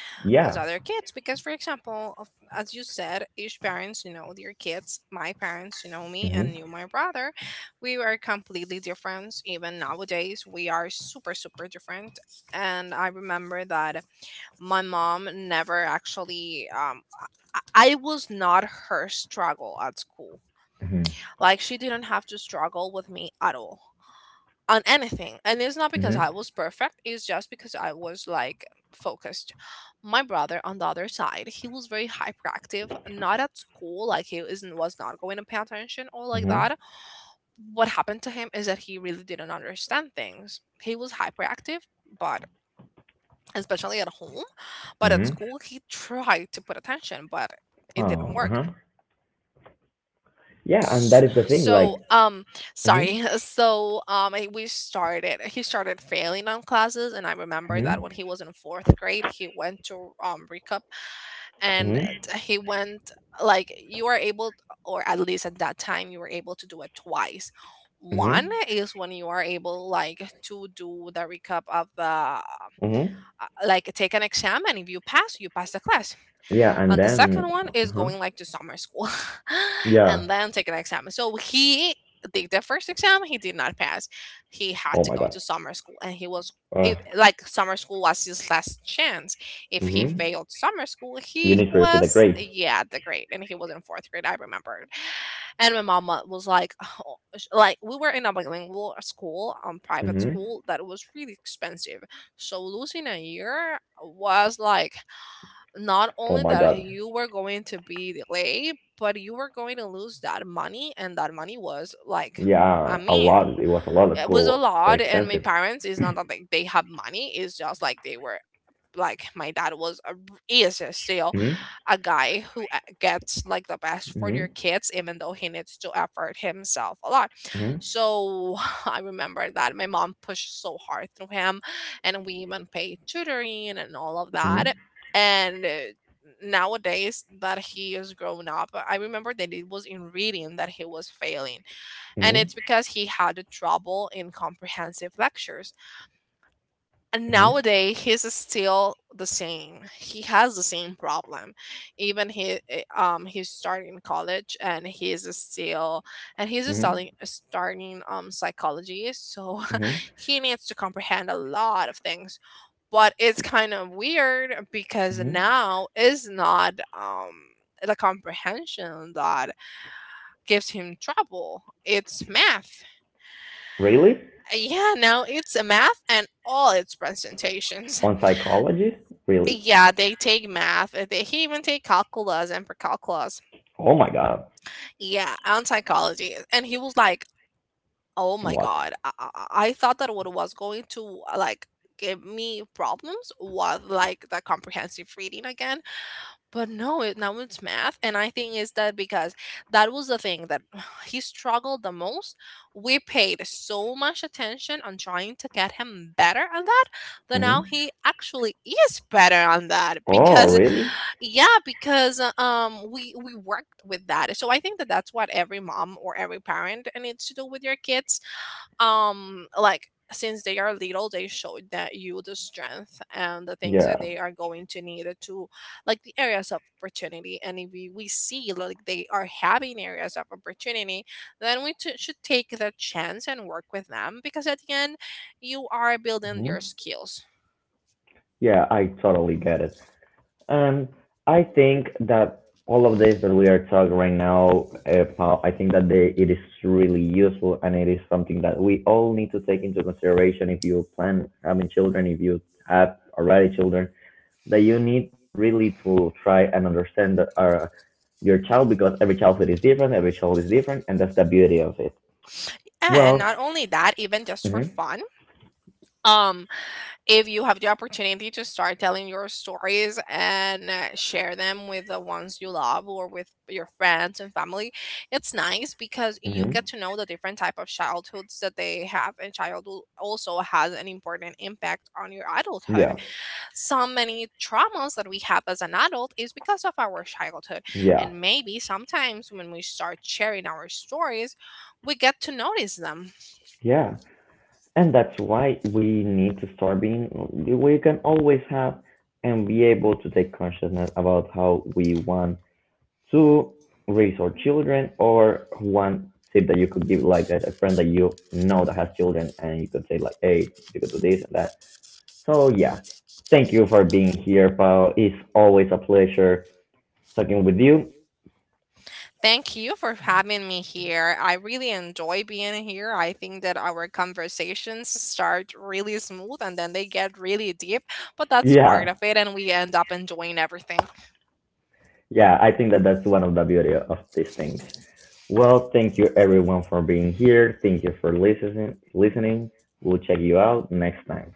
Speaker 2: as
Speaker 1: Yeah.
Speaker 2: other kids. Because, for example, as you said, each parents, you know, their kids. My parents, you know, me
Speaker 1: Mhm.
Speaker 2: and you, my brother. We were completely different. Even nowadays, we are super, super different. And I remember that my mom never actually. I I was not her struggle at school.
Speaker 1: Mhm.
Speaker 2: Like she didn't have to struggle with me at all on anything. And it's not because
Speaker 1: Mhm.
Speaker 2: I was perfect, it's just because I was like focused. My brother on the other side, he was very hyperactive, not at school, like he isn't was not going to pay attention or like
Speaker 1: Mhm.
Speaker 2: that. What happened to him is that he really didn't understand things. He was hyperactive, but especially at home, but at
Speaker 1: Mhm.
Speaker 2: school he tried to put attention, but it
Speaker 1: Oh.
Speaker 2: didn't
Speaker 1: Uh
Speaker 2: work.
Speaker 1: huh. Yeah, and that is the thing. Like.
Speaker 2: So,
Speaker 1: Mhm.
Speaker 2: sorry. So, we started. He started failing on classes, and I remember that
Speaker 1: Mhm.
Speaker 2: when he was in 4th grade, he went to recap, and
Speaker 1: Mhm.
Speaker 2: he went like, you are able, or at least at that time, you were able to do it twice. One
Speaker 1: Mhm.
Speaker 2: is when you are able, like, to do the recap of the
Speaker 1: Mhm.
Speaker 2: like, take an exam, and if you pass, you pass the class,
Speaker 1: Yeah, and
Speaker 2: and the second
Speaker 1: then.
Speaker 2: one
Speaker 1: Uh
Speaker 2: is
Speaker 1: huh.
Speaker 2: going like to summer school
Speaker 1: Yeah.
Speaker 2: and then take an exam. So he did the first exam, he did not pass, he had
Speaker 1: Oh
Speaker 2: to
Speaker 1: my
Speaker 2: go
Speaker 1: God.
Speaker 2: to summer school, and he was,
Speaker 1: Uh.
Speaker 2: if, like summer school was his last chance. If he
Speaker 1: Mhm.
Speaker 2: failed summer school,
Speaker 1: You
Speaker 2: he
Speaker 1: need to repeat the
Speaker 2: was
Speaker 1: grade.
Speaker 2: yeah the grade, and he was in fourth grade I remembered. And my mama was like, oh, like we were in a bilingual school, private
Speaker 1: Mhm.
Speaker 2: school that was really expensive. So losing a year was like not
Speaker 1: Oh
Speaker 2: only
Speaker 1: my
Speaker 2: that
Speaker 1: god.
Speaker 2: you were going to be delayed, but you were going to lose that money, and that money was like, I
Speaker 1: Yeah, a
Speaker 2: mean,
Speaker 1: lot. It was a lot. The
Speaker 2: it was a
Speaker 1: school are
Speaker 2: lot. And my
Speaker 1: expensive.
Speaker 2: parents is not that like they have money; it's just like they were like my dad was a, he is still
Speaker 1: Mhm.
Speaker 2: a guy who gets like the best for their
Speaker 1: Mhm.
Speaker 2: kids, even though he needs to effort himself a lot.
Speaker 1: Mhm.
Speaker 2: So I remember that my mom pushed so hard through him, and we even paid tutoring and all of
Speaker 1: Mhm.
Speaker 2: that. And nowadays that he is grown up, I remember that it was in reading that he was failing, and
Speaker 1: Mhm.
Speaker 2: it's because he had trouble in comprehensive lectures. And
Speaker 1: Mhm.
Speaker 2: nowadays he's still the same, he has the same problem. Even he's starting college, and he's still and he's
Speaker 1: Mhm.
Speaker 2: starting psychology. So
Speaker 1: Mhm.
Speaker 2: he needs to comprehend a lot of things, but it's kind of weird because
Speaker 1: Mhm.
Speaker 2: now is not the comprehension that gives him trouble, it's math.
Speaker 1: Really?
Speaker 2: Yeah, now it's a math and all its presentations.
Speaker 1: On psychology? Really?
Speaker 2: Yeah, they take math. He even take calculus and precalculus.
Speaker 1: Oh my god.
Speaker 2: Yeah, and psychology. And he was like, "Oh my
Speaker 1: What?
Speaker 2: god, I thought that what was going to like give me problems was like the comprehensive reading again, but no, it, now it's math." And I think is that because that was the thing that he struggled the most. We paid so much attention on trying to get him better on that, that now
Speaker 1: Mhm.
Speaker 2: he actually is better on that
Speaker 1: Oh,
Speaker 2: because
Speaker 1: really?
Speaker 2: yeah, because we worked with that. So I think that that's what every mom or every parent needs to do with your kids. Like, since they are little, they showed that you the strength and the things that
Speaker 1: Yeah.
Speaker 2: they are going to need to, like the areas of opportunity. And if we see like they are having areas of opportunity, then we should take the chance and work with them, because at the end you are building your
Speaker 1: Mhm.
Speaker 2: skills.
Speaker 1: Yeah, I totally get it. Um, I think that all of this that we are talking right now, Paul, I think that it is really useful, and it is something that we all need to take into consideration if you plan having children, if you have already children, that you need really to try and understand that, your child, because every childhood is different, every child is different, and that's the beauty of it.
Speaker 2: And
Speaker 1: Well,
Speaker 2: not only that, even just for
Speaker 1: hmm,
Speaker 2: fun. Um if you have the opportunity to start telling your stories and share them with the ones you love or with your friends and family, it's nice because you get
Speaker 1: hmm,
Speaker 2: to know the different type of childhoods that they have, and childhood also has an important impact on your adulthood.
Speaker 1: yeah,
Speaker 2: So many traumas that we have as an adult is because of our childhood,
Speaker 1: yeah,
Speaker 2: and maybe sometimes when we start sharing our stories, we get to notice them.
Speaker 1: yeah. And that's why we need to start being we can always have and be able to take consciousness about how we want to raise our children, or one tip that you could give, like, friend that you know that has children, and you could say, like, hey, you could do this and that. So, yeah, thank you for being here, Paul. It's always a pleasure talking with you.
Speaker 2: Thank you for having me here. I really enjoy being here. I think that our conversations start really smooth and then they get really deep, but that's part
Speaker 1: Yeah.
Speaker 2: of it, and we end up enjoying everything.
Speaker 1: Yeah, I think that that's one of the beauty of these things. Well, thank you everyone for being here. Thank you for listening. We'll check you out next time.